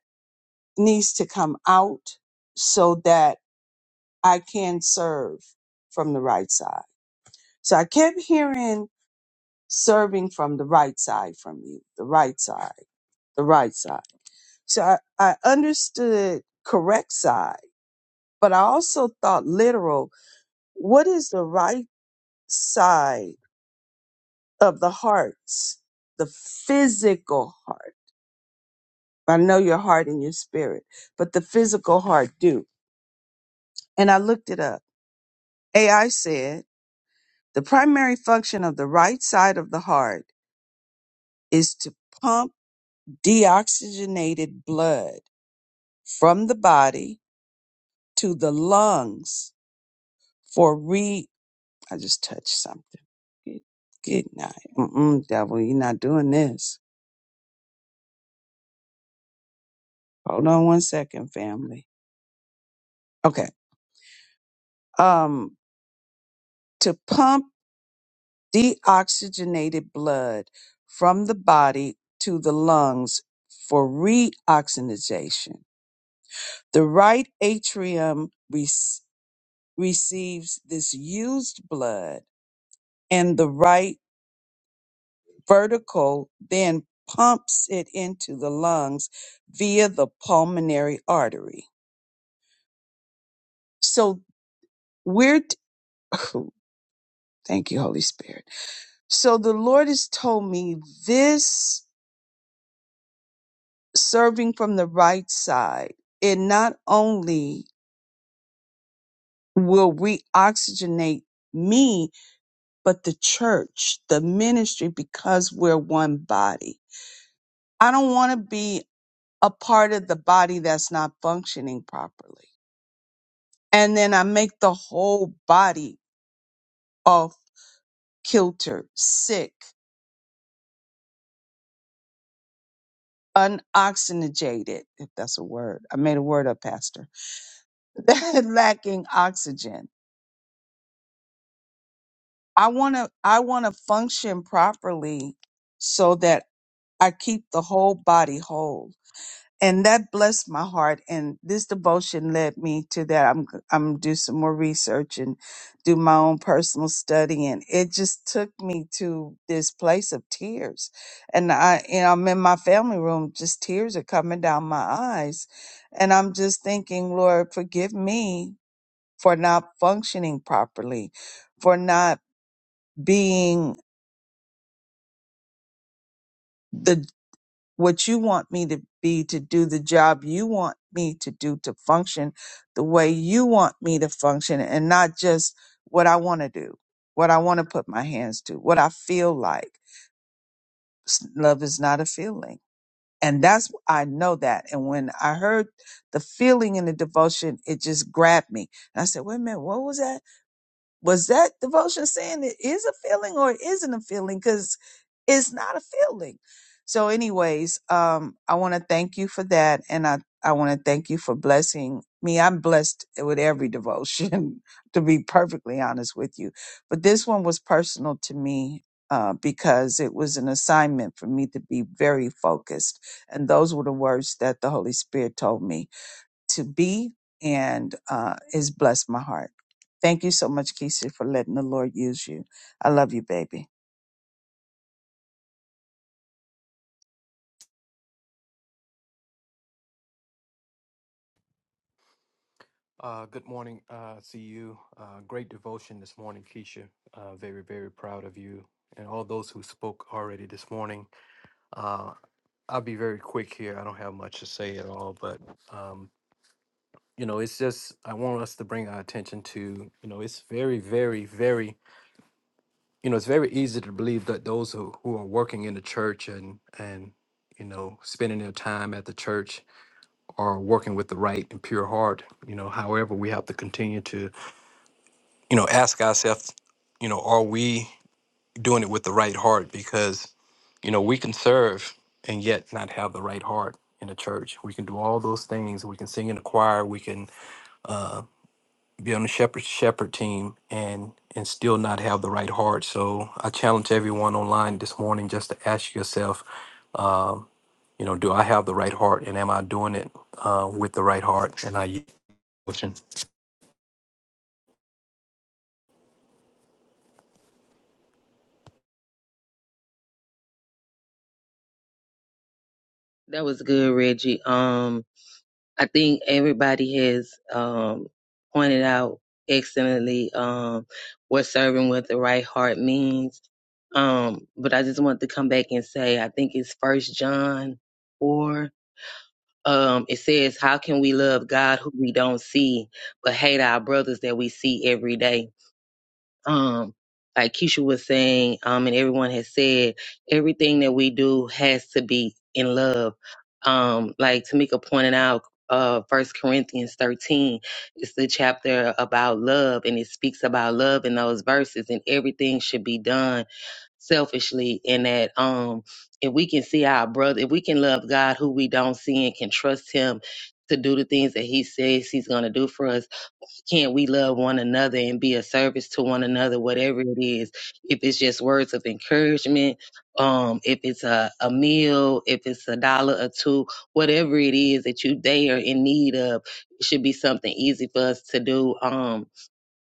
F: needs to come out so that I can serve from the right side. So I kept hearing serving from the right side from you, the right side, the right side. So I, I understood correct side, but I also thought literal. What is the right side? of the hearts, the physical heart. I know your heart and your spirit, but the physical heart do. And I looked it up. AI said the primary function of the right side of the heart is to pump deoxygenated blood from the body to the lungs for re. I just touched something. Good, good night. Mm-mm, devil, you're not doing this. Hold on one second, family. Okay. Um, to pump deoxygenated blood from the body to the lungs for reoxygenation. The right atrium rec- receives this used blood, and the right vertical then pumps it into the lungs via the pulmonary artery. So we're, t- thank you, Holy Spirit. So the Lord has told me this serving from the right side, it not only will reoxygenate me, but the church, the ministry, because we're one body. I don't want to be a part of the body that's not functioning properly. And then I make the whole body off kilter, sick, unoxygenated, if that's a word. I made a word up, Pastor, lacking oxygen I want to I want to function properly so that I keep the whole body whole. And that blessed my heart and this devotion led me to that I'm I'm gonna do some more research and do my own personal study and it just took me to this place of tears. And I and I'm in my family room just tears are coming down my eyes and I'm just thinking, Lord, forgive me for not functioning properly, for not being the what you want me to be to do the job you want me to do to function the way you want me to function and not just what I want to do, what I want to put my hands to, what I feel like. S- Love is not a feeling. And that's I know that. And when I heard the feeling in the devotion, it just grabbed me. And I said, wait a minute, what was that? Was that devotion saying it is a feeling or it isn't a feeling? Because it's not a feeling. So, anyways, um, I want to thank you for that. And I, I want to thank you for blessing me. I'm blessed with every devotion, to be perfectly honest with you. But this one was personal to me uh, because it was an assignment for me to be very focused. And those were the words that the Holy Spirit told me to be and uh, it's blessed my heart. Thank you so much, Keisha, for letting the Lord use you. I love you, baby.
H: Uh, good morning, uh, to you. Uh, great devotion this morning, Keisha. Uh, very, very proud of you and all those who spoke already this morning. Uh, I'll be very quick here. I don't have much to say at all, but um, you know, it's just I want us to bring our attention to you know, it's very, very, very you know, it's very easy to believe that those who, who are working in the church and and you know, spending their time at the church are working with the right and pure heart. You know, however, we have to continue to you know, ask ourselves, you know, are we doing it with the right heart? Because, you know, we can serve and yet not have the right heart in the church. We can do all those things. We can sing in the choir. We can uh, be on the shepherd shepherd team and and still not have the right heart. So I challenge everyone online this morning just to ask yourself, um, you know, do I have the right heart, and am I doing it uh, with the right heart? And I.
A: That was good, Reggie. Um I think everybody has um pointed out excellently um what serving with the right heart means. Um, but I just want to come back and say I think it's first John four. Um, it says, How can we love God who we don't see, but hate our brothers that we see every day? um, like Keisha was saying, um, and everyone has said, everything that we do has to be in love. Um, like Tamika pointed out, uh, First Corinthians 13 is the chapter about love, and it speaks about love in those verses, and everything should be done selfishly. In that, um, if we can see our brother, if we can love God, who we don't see, and can trust Him to do the things that He says He's going to do for us can't we love one another and be a service to one another, whatever it is? If it's just words of encouragement, um, if it's a, a meal, if it's a dollar or two, whatever it is that you they are in need of, it should be something easy for us to do. Um,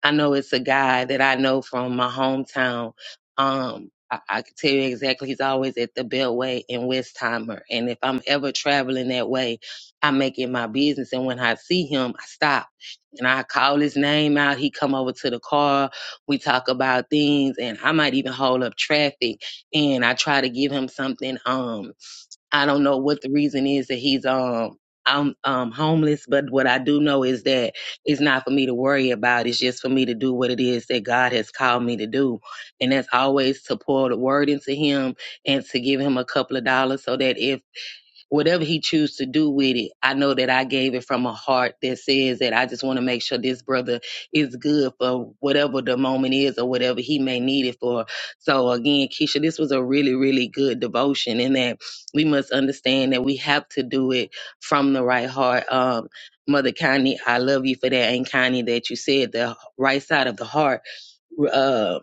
A: I know it's a guy that I know from my hometown. Um, I, I can tell you exactly. He's always at the Beltway in Westheimer, and if I'm ever traveling that way, I make it my business. And when I see him, I stop and I call his name out. He come over to the car. We talk about things, and I might even hold up traffic, and I try to give him something. Um, I don't know what the reason is that he's um I'm um homeless, but what I do know is that it's not for me to worry about. It's just for me to do what it is that God has called me to do. And that's always to pour the word into him and to give him a couple of dollars so that if whatever he chooses to do with it, I know that I gave it from a heart that says that I just want to make sure this brother is good for whatever the moment is or whatever he may need it for. So again, Keisha, this was a really, really good devotion and that we must understand that we have to do it from the right heart. Um, Mother Connie, I love you for that. And Connie, that you said the right side of the heart. uh,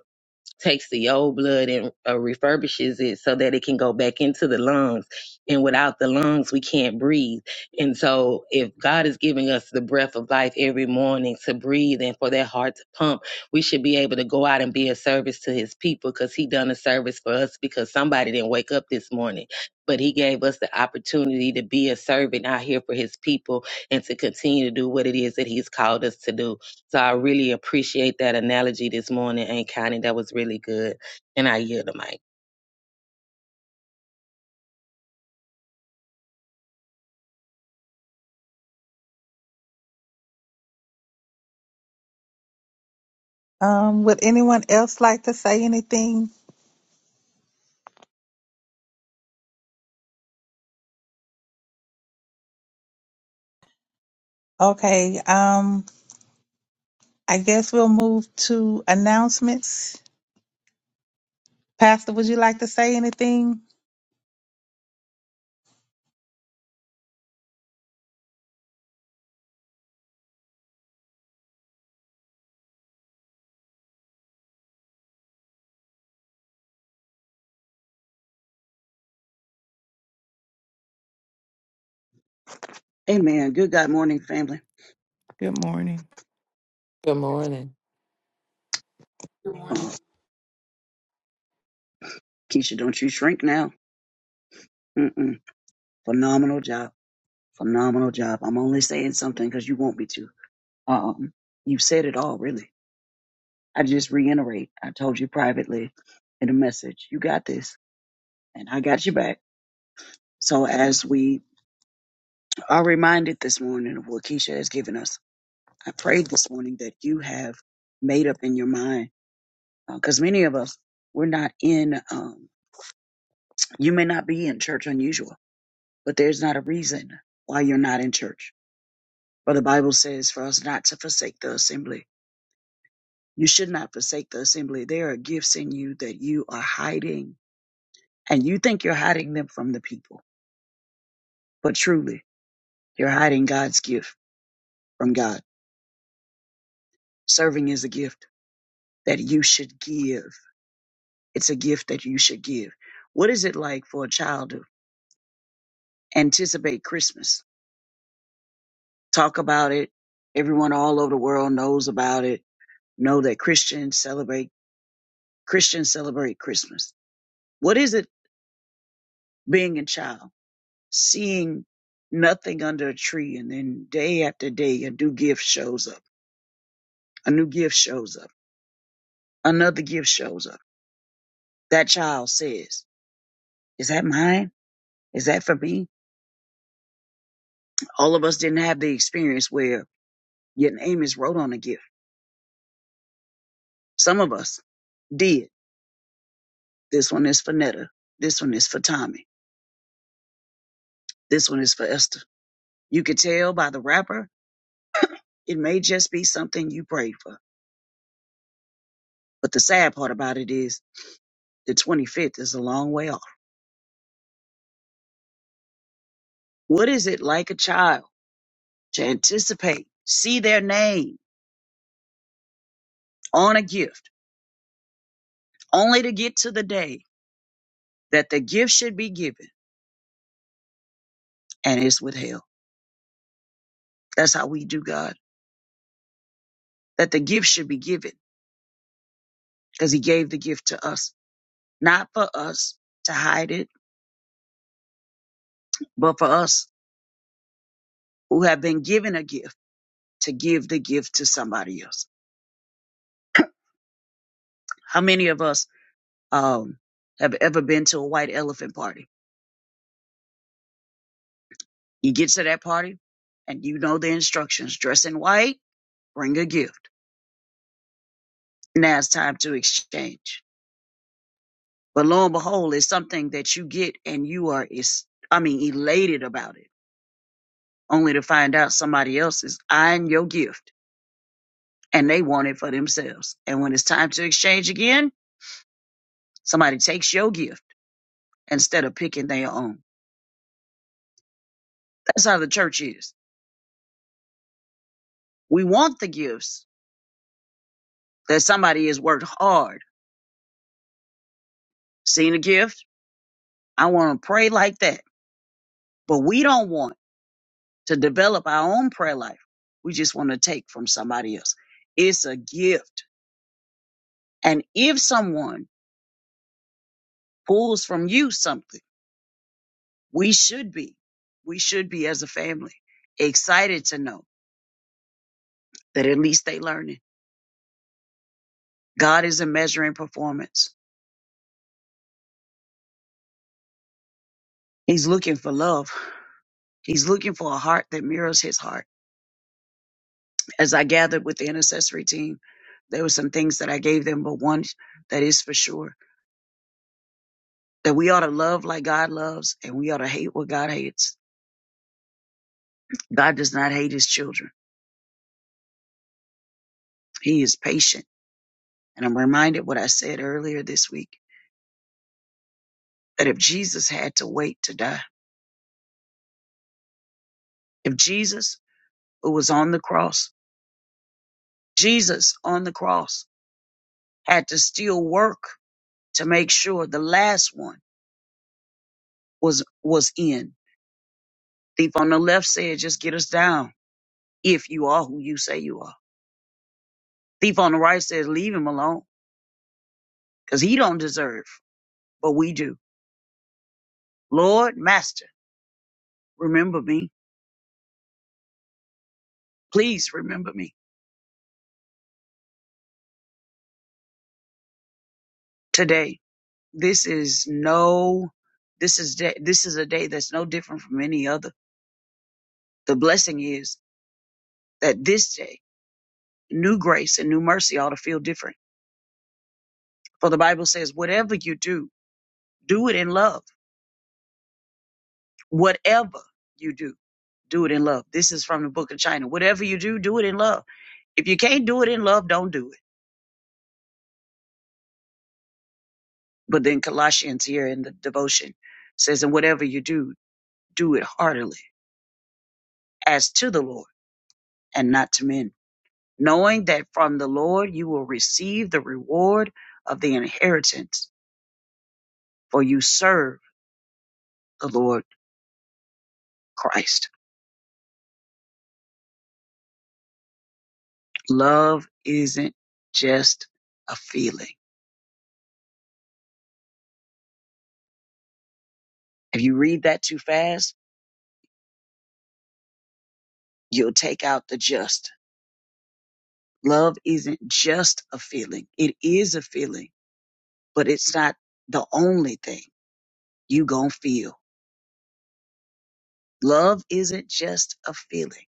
A: takes the old blood and uh, refurbishes it so that it can go back into the lungs. And without the lungs, we can't breathe. And so, if God is giving us the breath of life every morning to breathe and for that heart to pump, we should be able to go out and be a service to His people because He done a service for us because somebody didn't wake up this morning. But he gave us the opportunity to be a servant out here for his people and to continue to do what it is that he's called us to do. So I really appreciate that analogy this morning, Aunt Connie. That was really good. And I yield the mic.
B: Um, would anyone else like to say anything? Okay, um, I guess we'll move to announcements. Pastor, would you like to say anything?
I: Amen. Good God morning, family.
D: Good morning.
G: Good morning.
C: Good morning.
I: Oh, Keisha, don't you shrink now. Mm-mm. Phenomenal job. Phenomenal job. I'm only saying something because you want me to. Um, you said it all, really. I just reiterate. I told you privately in a message, you got this, and I got you back. So as we are reminded this morning of what Keisha has given us, I prayed this morning that you have made up in your mind, because many of us we're not in. Um, you may not be in church unusual but there's not a reason why you're not in church. For the Bible says for us not to forsake the assembly. You should not forsake the assembly. There are gifts in you that you are hiding, and you think you're hiding them from the people, but truly, you're hiding God's gift from God. Serving is a gift that you should give. It's a gift that you should give. What is it like for a child to anticipate Christmas? Talk about it. Everyone all over the world knows about it. Know that Christians celebrate Christians celebrate Christmas. What is it being a child, seeing nothing under a tree, and then day after day, a new gift shows up, a new gift shows up, another gift shows up. That child says, Is that mine? Is that for me? All of us didn't have the experience where your name is wrote on a gift. Some of us did. This one is for Netta. This one is for Tommy. This one is for Esther. You could tell by the wrapper, it may just be something you prayed for. But the sad part about it is The 25th is a long way off. What is it like a child to anticipate, see their name on a gift, only to get to the day that the gift should be given and it's withheld? That's how we do God, that the gift should be given because He gave the gift to us, not for us to hide it, but for us who have been given a gift to give the gift to somebody else. How many of us um, have ever been to a white elephant party? You get to that party and you know the instructions. Dress in white, bring a gift. Now it's time to exchange. But lo and behold, it's something that you get and you are, is, I mean, elated about it, only to find out somebody else is eyeing your gift and they want it for themselves. And when it's time to exchange again, somebody takes your gift instead of picking their own. That's how the church is. We want the gifts that somebody has worked hard. Seen a gift? I want to pray like that. But we don't want to develop our own prayer life. We just want to take from somebody else. It's a gift. And if someone pulls from you something, we should be, we should be as a family excited to know that at least they learning. God isn't measuring performance. He's looking for love. He's looking for a heart that mirrors his heart. As I gathered with the intercessory team, there were some things that I gave them, but one that is for sure that we ought to love like God loves and we ought to hate what God hates God does not hate his children. He is patient. And I'm reminded what I said earlier this week that if Jesus had to wait to die, if Jesus, who was on the cross, Jesus on the cross had to still work to make sure the last one was, was in. Thief on the left said, just get us down if you are who you say you are. Thief on the right says, leave him alone because he don't deserve, but we do. Lord, master, remember me. Please remember me today This is no, this is day, this is a day that's no different from any other. The blessing is that this day, new grace and new mercy ought to feel different. For the Bible says, whatever you do, do it in love. Whatever you do, do it in love. This is from the book of China. Whatever you do, do it in love. If you can't do it in love, don't do it. But then Colossians here in the devotion says, and whatever you do, do it heartily as to the Lord and not to men knowing that from the Lord you will receive the reward of the inheritance, for you serve the Lord Christ. Love isn't just a feeling. If you read that too fast, you'll take out the just. Love isn't just a feeling. It is a feeling, but it's not the only thing you gonna feel. Love isn't just a feeling.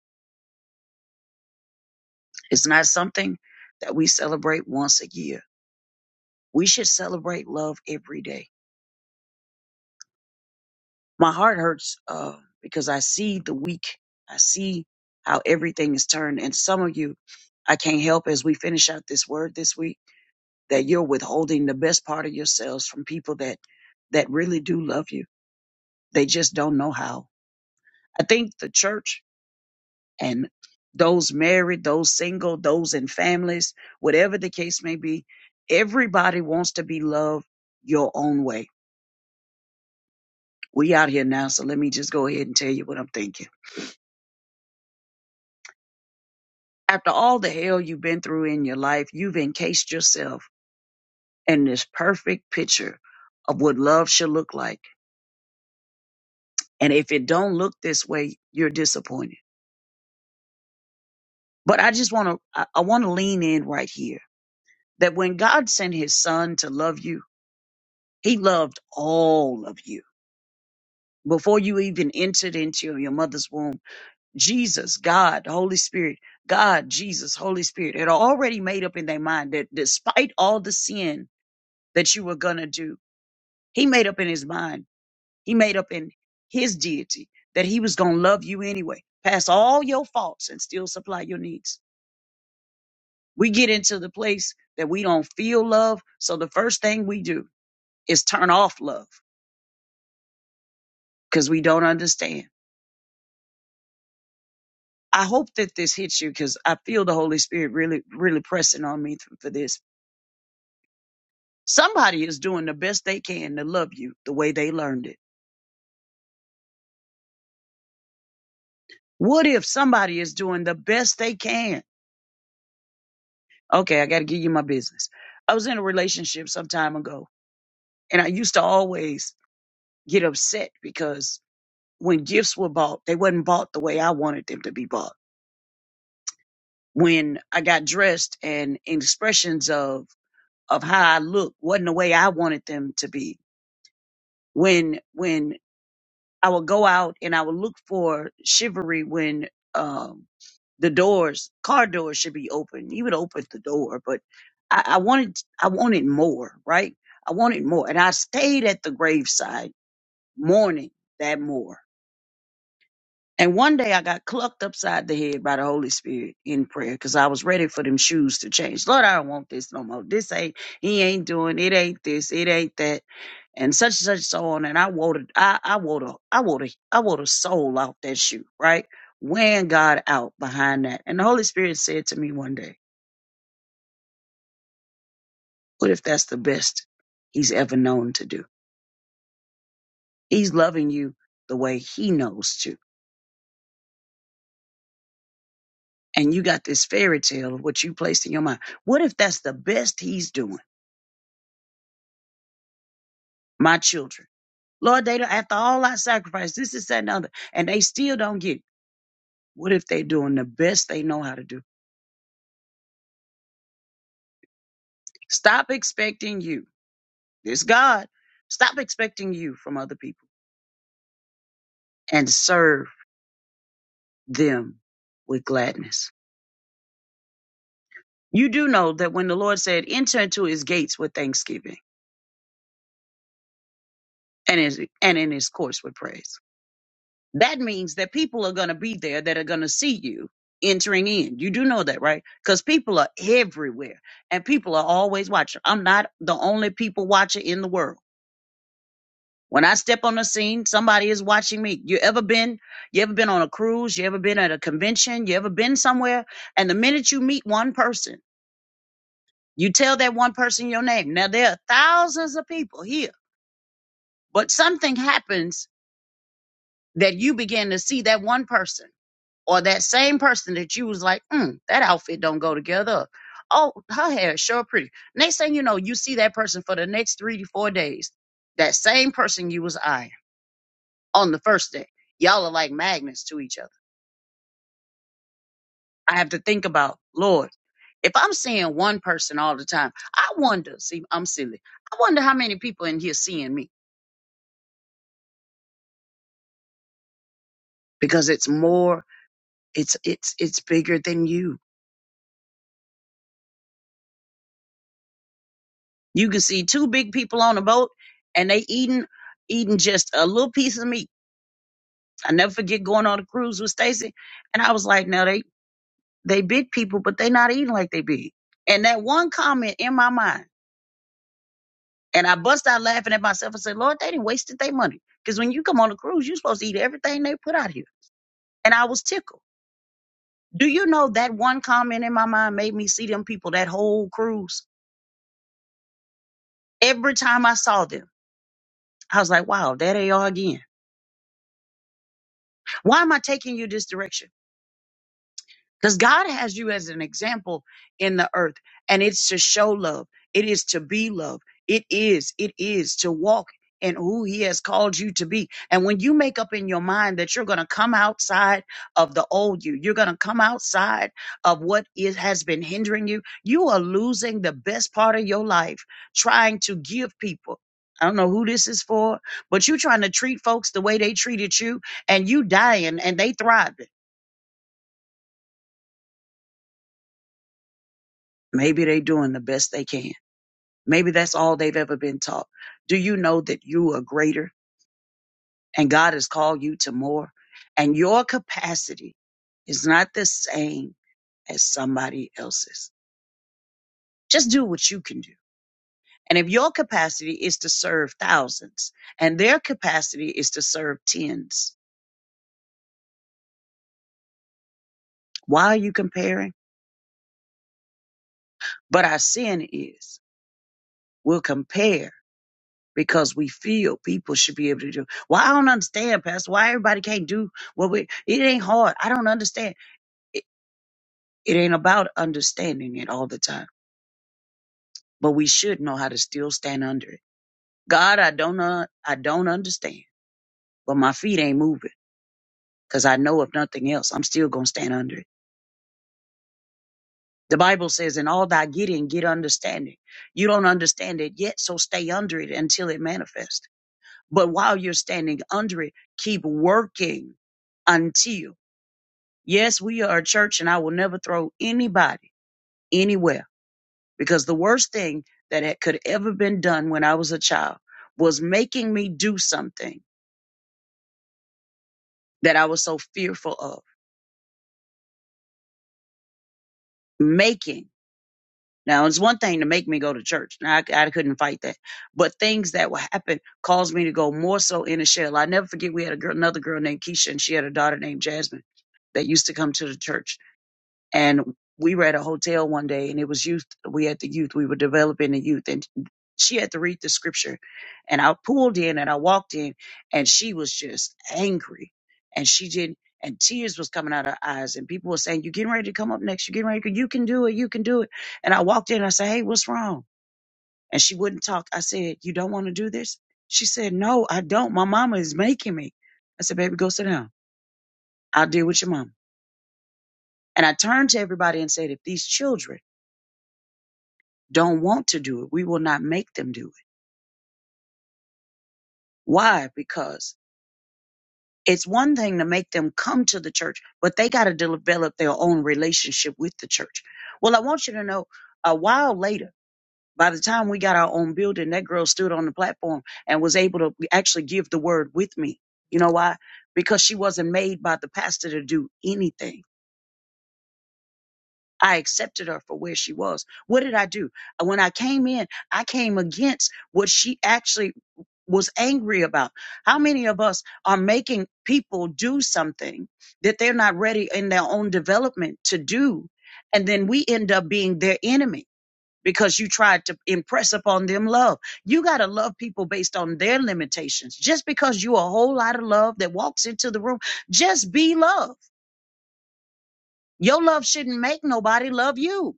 I: It's not something that we celebrate once a year. We should celebrate love every day my heart hurts uh, because I see the weak. I see how everything is turned. And some of you, I can't help as we finish out this word this week that you're withholding the best part of yourselves from people that that really do love you. They just don't know how. I think the church and those married, those single, those in families, whatever the case may be, everybody wants to be loved your own way. We out here now, so let me just go ahead and tell you what I'm thinking. after all the hell you've been through in your life, you've encased yourself in this perfect picture of what love should look like. And if it don't look this way, you're disappointed. But I just want to, I, I want to lean in right here that when God sent his son to love you, he loved all of you. Before you even entered into your mother's womb, Jesus, God, Holy Spirit, God, Jesus, Holy Spirit had already made up in their mind that despite all the sin that you were going to do, He made up in his mind, he made up in his deity that he was going to love you anyway, past all your faults and still supply your needs. We get into the place that we don't feel love. So the first thing we do is turn off love because we don't understand. I hope that this hits you because I feel the Holy Spirit really, really pressing on me th- for this. Somebody is doing the best they can to love you the way they learned it. What if somebody is doing the best they can? Okay, I got to give you my business. I was in a relationship some time ago, and I used to always get upset because when gifts were bought, they wasn't bought the way I wanted them to be bought. When I got dressed and expressions of of how I looked wasn't the way I wanted them to be. When when I would go out and I would look for chivalry when um, the doors, car doors, should be open. You would open the door, but I, I wanted, I wanted more, right? I wanted more, and I stayed at the graveside mourning that more. And one day I got clucked upside the head by the Holy Spirit in prayer because I was ready for them shoes to change. Lord, I don't want this no more. This ain't, he ain't doing it, ain't this, it ain't that and such and such so on. And I would I I would a I would I would a soul out that shoe, right? Weighing God out behind that. And the Holy Spirit said to me one day, What if that's the best he's ever known to do? He's loving you the way he knows to. And you got this fairy tale of what you placed in your mind. What if that's the best he's doing? My children. Lord, they don't, after all I sacrificed, this is that and the other, and they still don't get it. What if they're doing the best they know how to do? Stop expecting you There's God. Stop expecting you from other people and serve them with gladness. You do know that when the Lord said, enter into his gates with thanksgiving and, his, and in his courts with praise, that means that people are going to be there that are going to see you entering in. You do know that, right? Because people are everywhere and people are always watching. I'm not the only people watcher in the world. When I step on the scene, somebody is watching me. You ever been, you ever been on a cruise? You ever been at a convention? You ever been somewhere? And the minute you meet one person, you tell that one person your name. Now there are thousands of people here, but something happens that you begin to see that one person or that same person that you was like, mm, that outfit don't go together. Oh, her hair is sure pretty. Next thing you know, you see that person for the next three to four days. That same person you was eyeing. on the first day. Y'all are like magnets to each other. I have to think about, Lord, if I'm seeing one person all the time, I wonder, see, I'm silly. I wonder how many people in here seeing me because it's more, it's, it's, it's bigger than you. You can see two big people on a boat and they eating, eating just a little piece of meat. I never forget going on a cruise with Stacy. And I was like, no, they, they big people, but they not eating like they big. And that one comment in my mind, And I bust out laughing at myself and said, Lord, they didn't wasted their money. Because when you come on a cruise, you're supposed to eat everything they put out here. And I was tickled. Do you know that one comment in my mind made me see them people that whole cruise? Every time I saw them, I was like, wow, there they are again. Why am I taking you this direction? Because God has you as an example in the earth, and it's to show love. It is to be love. It is, it is to walk in who He has called you to be. And when you make up in your mind that you're going to come outside of the old you, you're going to come outside of what is, has been hindering you, you are losing the best part of your life trying to give people. I don't know who this is for, but you trying to treat folks the way they treated you and you dying and they thriving. Maybe they're doing the best they can. Maybe that's all they've ever been taught. Do you know that you are greater and God has called you to more? And your capacity is not the same as somebody else's. Just do what you can do. And if your capacity is to serve thousands and their capacity is to serve tens, why are you comparing? But our sin is we'll compare because we feel people should be able to do. Well, I don't understand, Pastor. Why everybody can't do what we? It ain't hard. I don't understand. It, it ain't about understanding it all the time, but we should know how to still stand under it. God, I don't know. I don't understand, but my feet ain't moving because I know if nothing else, I'm still gonna stand under it. The Bible says, "In all thy getting, get understanding." You don't understand it yet, so stay under it until it manifests. But while you're standing under it, keep working until. Yes, we are a church, and I will never throw anybody anywhere because the worst thing that had, could ever been done when I was a child was making me do something that I was so fearful of. Making. Now, it's one thing to make me go to church. Now, I, I couldn't fight that. But things that would happen caused me to go more so in a shell. I never forget we had a girl, another girl named Keisha, and she had a daughter named Jasmine that used to come to the church and we were at a hotel one day and it was youth we had the youth we were developing the youth and she had to read the scripture and i pulled in and i walked in and she was just angry and she didn't and tears was coming out of her eyes and people were saying you getting ready to come up next you getting ready to, you can do it you can do it and i walked in and i said hey what's wrong and she wouldn't talk i said you don't want to do this she said no i don't my mama is making me i said baby go sit down i'll deal with your mama." and i turned to everybody and said if these children don't want to do it. We will not make them do it. Why? Because it's one thing to make them come to the church, but they got to develop their own relationship with the church. Well, I want you to know a while later, by the time we got our own building, that girl stood on the platform and was able to actually give the word with me. You know why? Because she wasn't made by the pastor to do anything. I accepted her for where she was. What did I do? When I came in, I came against what she actually was angry about. How many of us are making people do something that they're not ready in their own development to do? And then we end up being their enemy because you tried to impress upon them love. You got to love people based on their limitations. Just because you a whole lot of love that walks into the room, just be love. Your love shouldn't make nobody love you.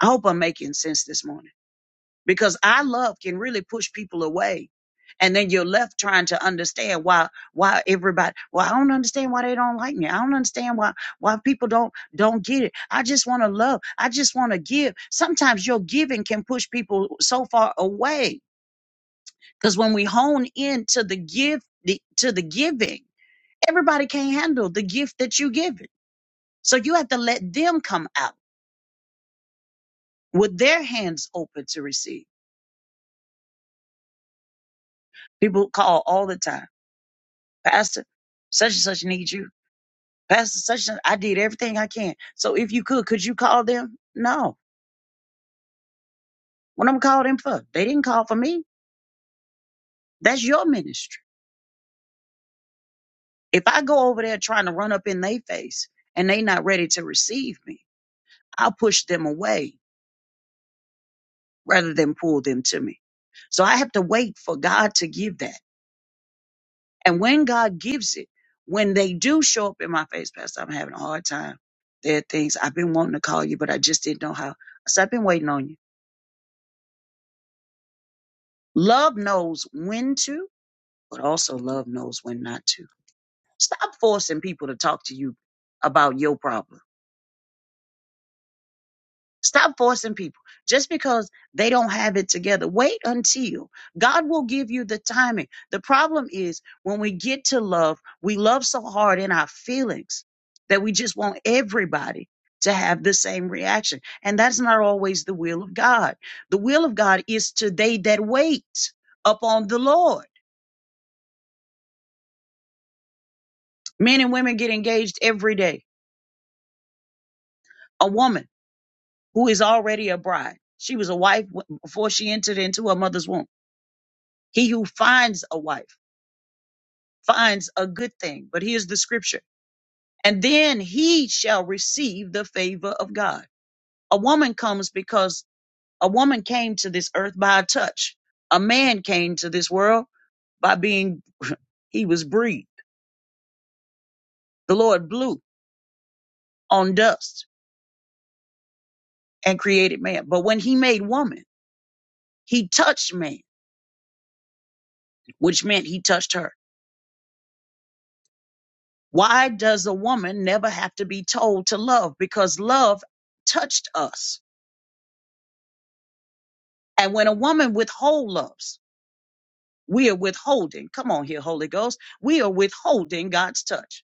I: I hope I'm making sense this morning. because our love can really push people away and then you're left trying to understand why why everybody well i don't understand why they don't like me i don't understand why why people don't don't get it i just want to love i just want to give sometimes your giving can push people so far away because when we hone into the gift the, to the giving everybody can't handle the gift that you give it so you have to let them come out with their hands open to receive people call all the time Pastor, such and such needs you. Pastor, such and I did everything I can. So if you could, could you call them? No. What I'm calling them for? They didn't call for me. That's your ministry. If I go over there trying to run up in their face and they not ready to receive me, I'll push them away rather than pull them to me. So I have to wait for God to give that. And when God gives it, when they do show up in my face, Pastor, I'm having a hard time. There are things I've been wanting to call you, but I just didn't know how. So I've been waiting on you. Love knows when to, but also love knows when not to. Stop forcing people to talk to you about your problem. Stop forcing people just because they don't have it together. Wait until God will give you the timing. The problem is when we get to love, we love so hard in our feelings that we just want everybody to have the same reaction. And that's not always the will of God. The will of God is to they that wait upon the Lord. Men and women get engaged every day. A woman who is already a bride, she was a wife w- before she entered into her mother's womb. He who finds a wife finds a good thing. But here's the scripture. And then he shall receive the favor of God. A woman comes because a woman came to this earth by a touch. A man came to this world by being, he was breathed. The Lord blew on dust and created man. But when he made woman, he touched man, which meant he touched her Why does a woman never have to be told to love? Because love touched us. And when a woman withhold loves, we are withholding. Come on here, Holy Ghost. We are withholding God's touch.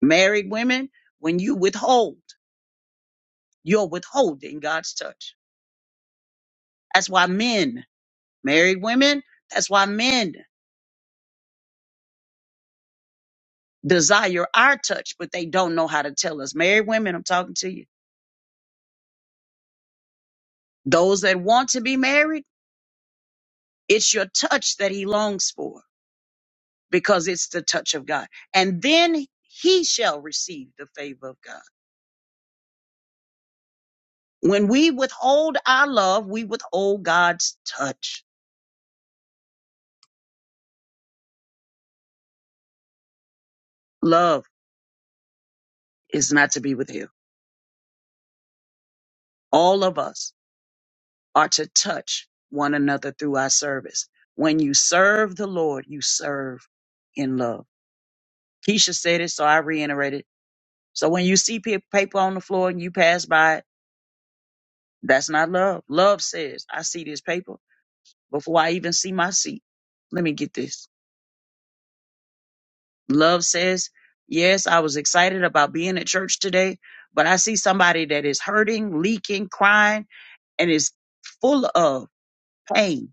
I: Married women, when you withhold, you're withholding God's touch. That's why men, married women, that's why men desire our touch, but they don't know how to tell us. Married women, I'm talking to you. Those that want to be married, it's your touch that he longs for. because it's the touch of God. And then he shall receive the favor of God. When we withhold our love, we withhold God's touch. Love is not to be withheld. All of us are to touch one another through our service. When you serve the Lord, you serve in love. Keisha said it, so I reiterated. So when you see pa- paper on the floor and you pass by it, that's not love. Love says, I see this paper before I even see my seat. Let me get this. Love says, Yes, I was excited about being at church today, but I see somebody that is hurting, leaking, crying, and is full of pain.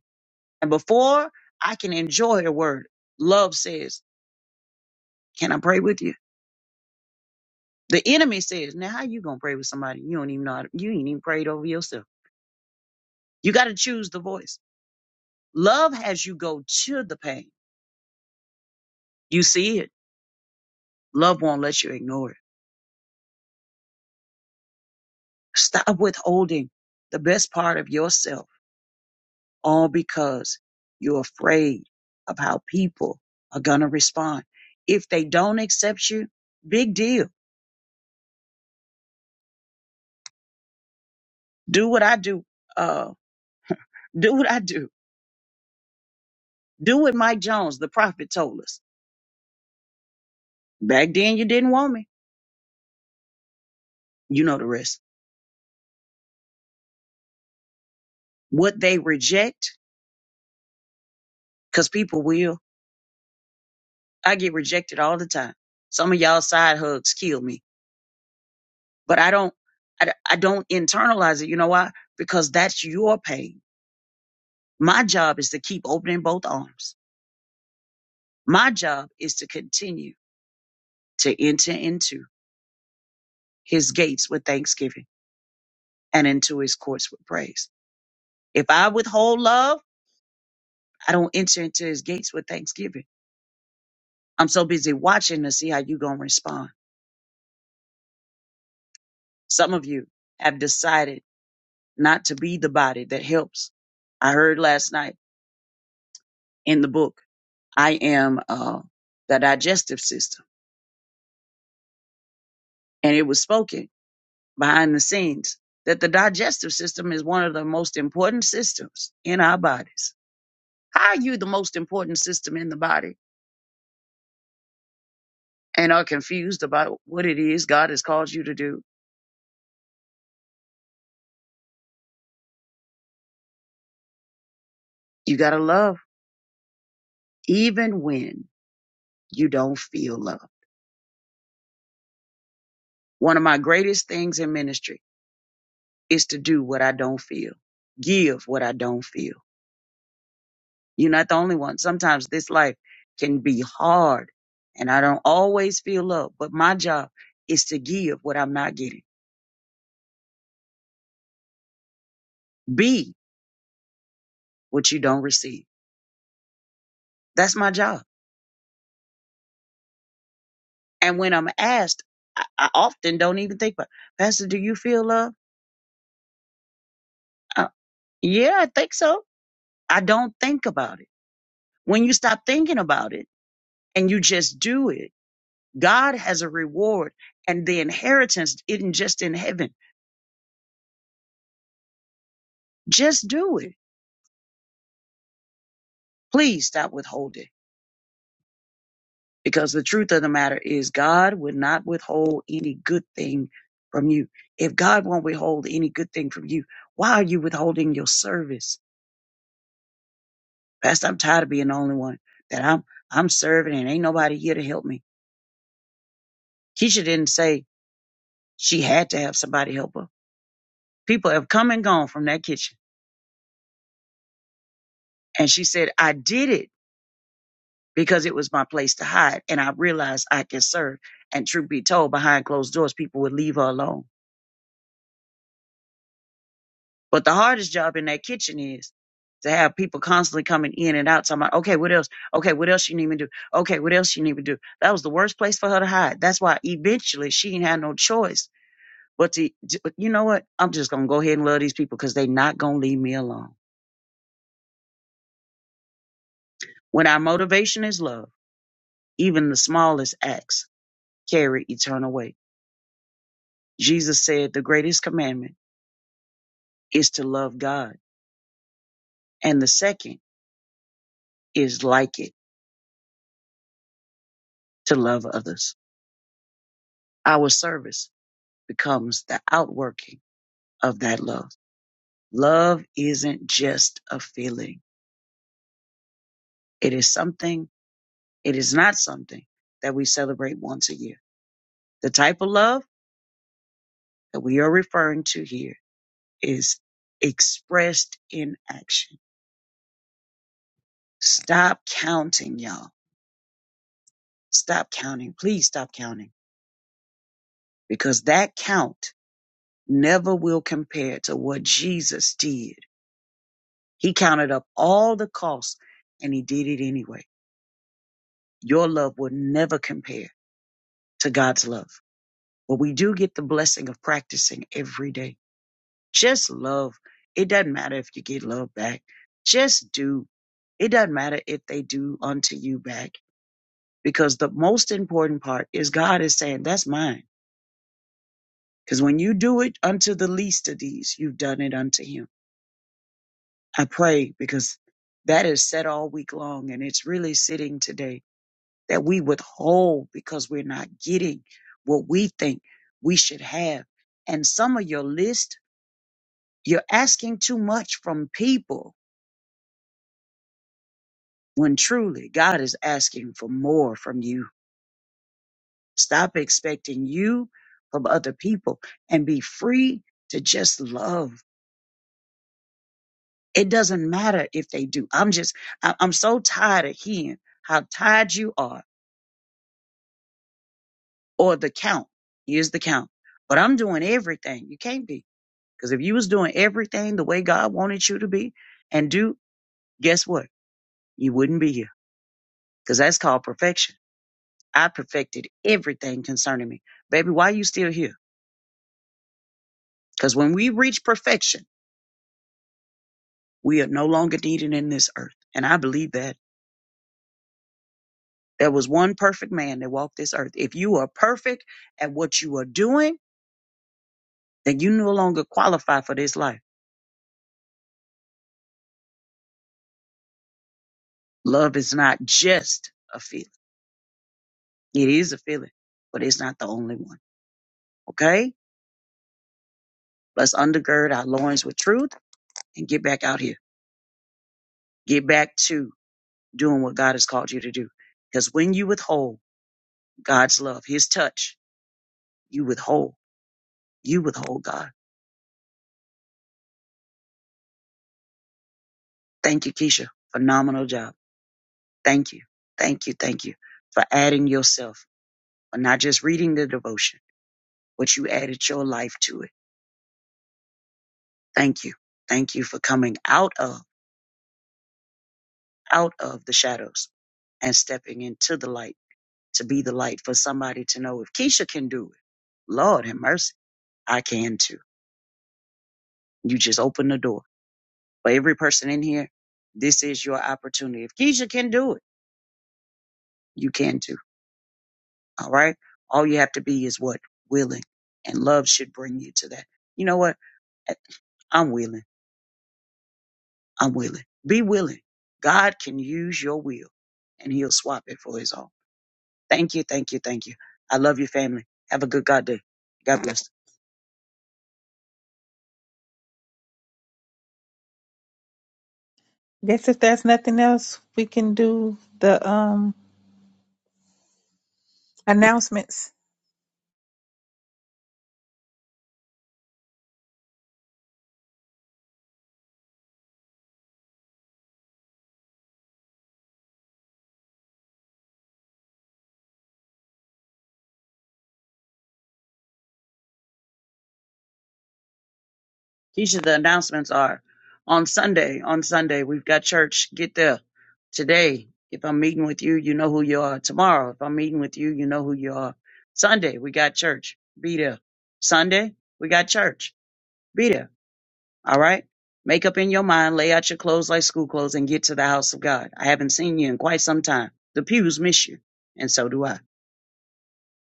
I: And before I can enjoy a word, love says, Can I pray with you? The enemy says, Now how you gonna pray with somebody? You don't even know how to, you ain't even prayed over yourself. You gotta choose the voice. Love has you go to the pain. You see it. Love won't let you ignore it. Stop withholding the best part of yourself all because you're afraid of how people are going to respond. If they don't accept you, big deal. Do what I do. Uh, do what I do. Do what Mike Jones, the prophet, told us. Back then, you didn't want me. You know the rest. What they reject, because people will. I get rejected all the time. Some of y'all side hugs kill me, but I don't. I, I don't internalize it. You know why? Because that's your pain. My job is to keep opening both arms My job is to continue to enter into his gates with thanksgiving and into his courts with praise. If I withhold love, I don't enter into his gates with thanksgiving. I'm so busy watching to see how you're going to respond. Some of you have decided not to be the body that helps. I heard last night in the book, I am uh, the digestive system. And it was spoken behind the scenes that the digestive system is one of the most important systems in our bodies How are you the most important system in the body and are confused about what it is God has called you to do? You got to love even when you don't feel love. One of my greatest things in ministry is to do what I don't feel, give what I don't feel. You're not the only one. Sometimes this life can be hard and I don't always feel love, but my job is to give what I'm not getting, be what you don't receive. That's my job. And when I'm asked, I, I often don't even think about, Pastor, do you feel love? Uh, yeah, I think so. I don't think about it. When you stop thinking about it and you just do it, God has a reward and the inheritance isn't just in heaven. Just do it. Please stop withholding because the truth of the matter is God would not withhold any good thing from you. If God won't withhold any good thing from you, why are you withholding your service? Pastor, I'm tired of being the only one that I'm I'm serving and ain't nobody here to help me. Keisha didn't say she had to have somebody help her. People have come and gone from that kitchen. And she said, I did it because it was my place to hide. And I realized I can serve. And truth be told, behind closed doors, people would leave her alone. But the hardest job in that kitchen is to have people constantly coming in and out talking about, okay, what else? Okay, what else you need me to do? Okay, what else you need me to do? That was the worst place for her to hide. That's why eventually she ain't had no choice But to, j- you know what? I'm just going to go ahead and love these people because they're not going to leave me alone. When our motivation is love, even the smallest acts carry eternal weight. Jesus said the greatest commandment is to love God, and the second is like it to love others. Our service becomes the outworking of that love. Love isn't just a feeling. It is something, it is not something that we celebrate once a year. The type of love that we are referring to here is expressed in action. Stop counting, y'all. Stop counting. Please stop counting because that count never will compare to what Jesus did. He counted up all the costs and he did it anyway. Your love will never compare to God's love. But we do get the blessing of practicing every day. Just love. It doesn't matter if you get love back. Just do. It doesn't matter if they do unto you back because the most important part is God is saying, That's mine. Because when you do it unto the least of these, you've done it unto Him. I pray because that is said all week long, and it's really sitting today that we withhold because we're not getting what we think we should have. And some of your list, you're asking too much from people when truly God is asking for more from you. Stop expecting you from other people and be free to just love. It doesn't matter if they do. I'm just, I- I'm so tired of hearing how tired you are or the count. Here's the count. But I'm doing everything. You can't be. Because if you was doing everything the way God wanted you to be and do, guess what? You wouldn't be here. Because that's called perfection. I perfected everything concerning me. Baby, why are you still here? Because when we reach perfection, We are no longer needed in this earth. And I believe that there was one perfect man that walked this earth. If you are perfect at what you are doing, then you no longer qualify for this life. Love is not just a feeling. It is a feeling, but it's not the only one. Okay? Let's undergird our loins with truth and get back out here. Get back to doing what God has called you to do. Because when you withhold God's love, his touch, you withhold. You withhold God. Thank you, Keisha. Phenomenal job. Thank you. Thank you. Thank you for adding yourself, for not just reading the devotion, but you added your life to it. Thank you. Thank you for coming out of, out of the shadows and stepping into the light to be the light for somebody to know if Keisha can do it. Lord have mercy. I can too. You just open the door for every person in here. This is your opportunity. If Keisha can do it, you can too. All right. All you have to be is what willing and love should bring you to that. You know what? I'm willing. I'm willing. Be willing. God can use your will and he'll swap it for his own. Thank you, thank you, thank you. I love your family. Have a good God day. God bless.
B: Guess if there's nothing else, we can do the um announcements.
I: Keisha, the announcements are on Sunday. On Sunday, we've got church. Get there. Today, if I'm meeting with you, you know who you are. Tomorrow, if I'm meeting with you, you know who you are. Sunday, we got church. Be there. Sunday, we got church. Be there. All right? Make up in your mind, lay out your clothes like school clothes, and get to the house of God. I haven't seen you in quite some time. The pews miss you, and so do I.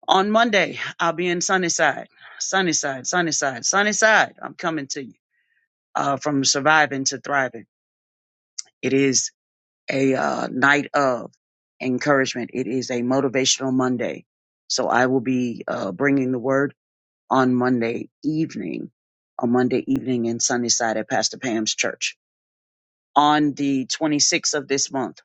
I: On Monday, I'll be in Sunnyside, Sunnyside, Sunnyside, Sunnyside. I'm coming to you uh, from surviving to thriving. It is a uh, night of encouragement. It is a motivational Monday. So I will be uh, bringing the word on Monday evening, on Monday evening in Sunnyside at Pastor Pam's church. on the 26th of this month,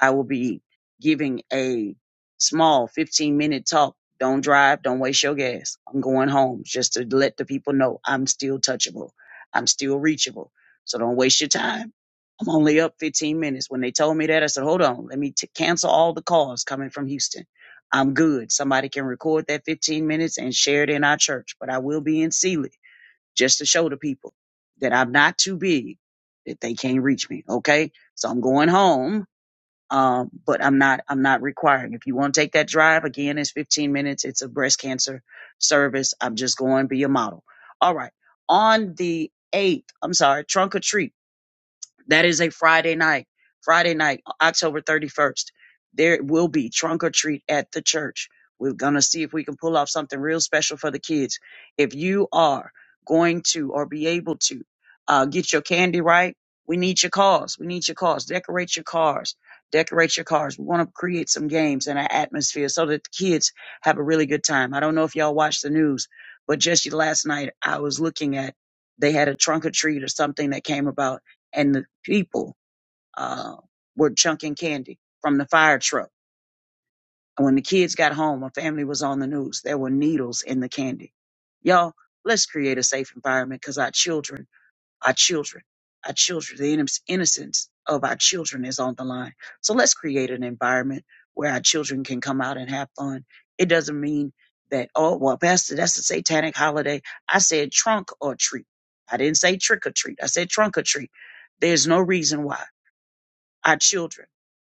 I: I will be giving a small 15 minute talk. Don't drive, don't waste your gas. I'm going home just to let the people know I'm still touchable. I'm still reachable. So don't waste your time. I'm only up 15 minutes. When they told me that, I said, hold on, let me t- cancel all the calls coming from Houston. I'm good. Somebody can record that 15 minutes and share it in our church, but I will be in Sealy just to show the people that I'm not too big that they can't reach me. Okay. So I'm going home. Um, but I'm not, I'm not requiring. If you want to take that drive again, it's 15 minutes. It's a breast cancer service. I'm just going to be a model. All right. On the eighth, I'm sorry, trunk or treat. That is a Friday night. Friday night, October 31st. There will be trunk or treat at the church. We're going to see if we can pull off something real special for the kids. If you are going to or be able to uh, get your candy right, we need your cars. We need your cars. Decorate your cars. Decorate your cars. We want to create some games and an atmosphere so that the kids have a really good time. I don't know if y'all watch the news, but just last night I was looking at they had a trunk or treat or something that came about and the people uh, were chunking candy from the fire truck. And when the kids got home, a family was on the news. There were needles in the candy. Y'all, let's create a safe environment because our children, our children, our children, the inno- innocence of our children is on the line. So let's create an environment where our children can come out and have fun. It doesn't mean that, oh, well, Pastor, that's a satanic holiday. I said trunk or treat. I didn't say trick or treat. I said trunk or treat. There's no reason why. Our children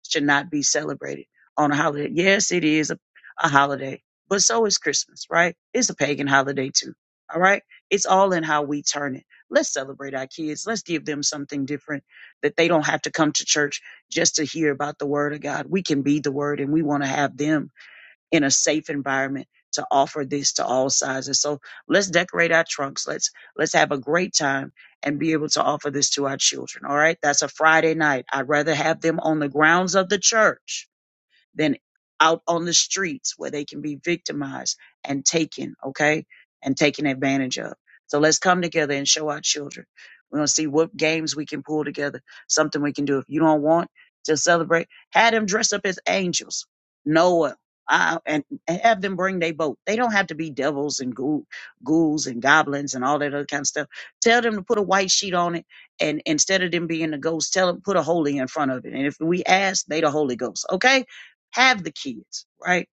I: should not be celebrated on a holiday. Yes, it is a, a holiday, but so is Christmas, right? It's a pagan holiday too. All right. It's all in how we turn it. Let's celebrate our kids. Let's give them something different that they don't have to come to church just to hear about the word of God. We can be the word and we want to have them in a safe environment to offer this to all sizes. So let's decorate our trunks. Let's let's have a great time and be able to offer this to our children. All right? That's a Friday night. I'd rather have them on the grounds of the church than out on the streets where they can be victimized and taken, okay? And taken advantage of. So let's come together and show our children. We're going to see what games we can pull together, something we can do. If you don't want to celebrate, have them dress up as angels, Noah, uh, and have them bring their boat. They don't have to be devils and ghoul, ghouls and goblins and all that other kind of stuff. Tell them to put a white sheet on it and instead of them being a ghost, tell them put a holy in front of it. And if we ask, they the Holy Ghost. Okay, have the kids, right?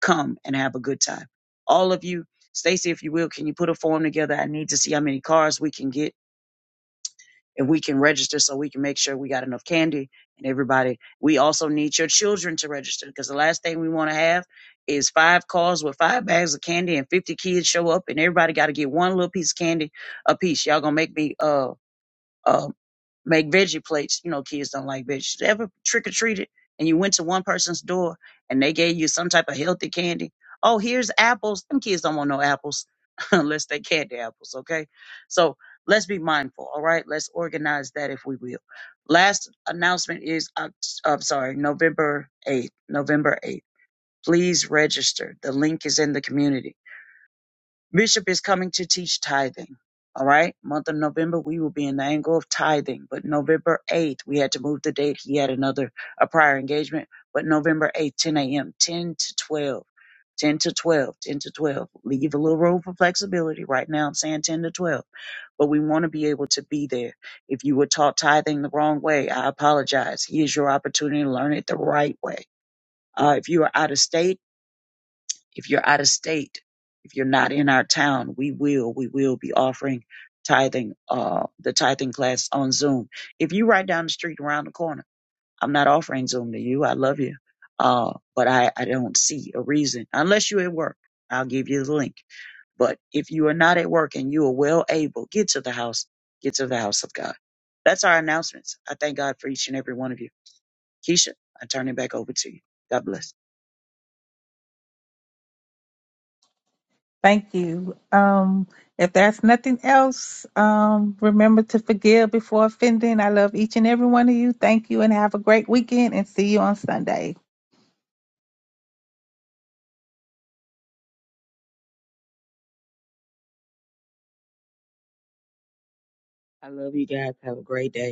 I: Come and have a good time. All of you, Stacy, if you will, can you put a form together? I need to see how many cars we can get and we can register so we can make sure we got enough candy and everybody. We also need your children to register because the last thing we want to have is five cars with five bags of candy and 50 kids show up and everybody got to get one little piece of candy a piece. Y'all gonna make me, uh, uh, make veggie plates. You know, kids don't like veggies. You Ever trick or treated and you went to one person's door and they gave you some type of healthy candy? Oh, here's apples. Them kids don't want no apples unless they candy apples. Okay, so let's be mindful. All right, let's organize that if we will. Last announcement is Oct- I'm sorry, November eighth. November eighth. Please register. The link is in the community Bishop is coming to teach tithing. All right. Month of November, we will be in the angle of tithing. But November 8th, we had to move the date. He had another, a prior engagement. But November 8th, 10 a.m., 10 to 12, 10 to 12, 10 to 12. Leave a little room for flexibility. Right now, I'm saying 10 to 12, but we want to be able to be there. If you were taught tithing the wrong way, I apologize. Here's your opportunity to learn it the right way. Uh, if you are out of state, if you're out of state, if you're not in our town, we will, we will be offering tithing, uh, the tithing class on Zoom. If you right down the street around the corner, I'm not offering Zoom to you. I love you. Uh, but I, I don't see a reason unless you're at work. I'll give you the link. But if you are not at work and you are well able, get to the house, get to the house of God. That's our announcements. I thank God for each and every one of you. Keisha, I turn it back over to you. God bless.
B: Thank you. Um, if there's nothing else, um, remember to forgive before offending. I love each and every one of you. Thank you and have a great weekend and see you on Sunday.
A: I love you guys. Have a great day.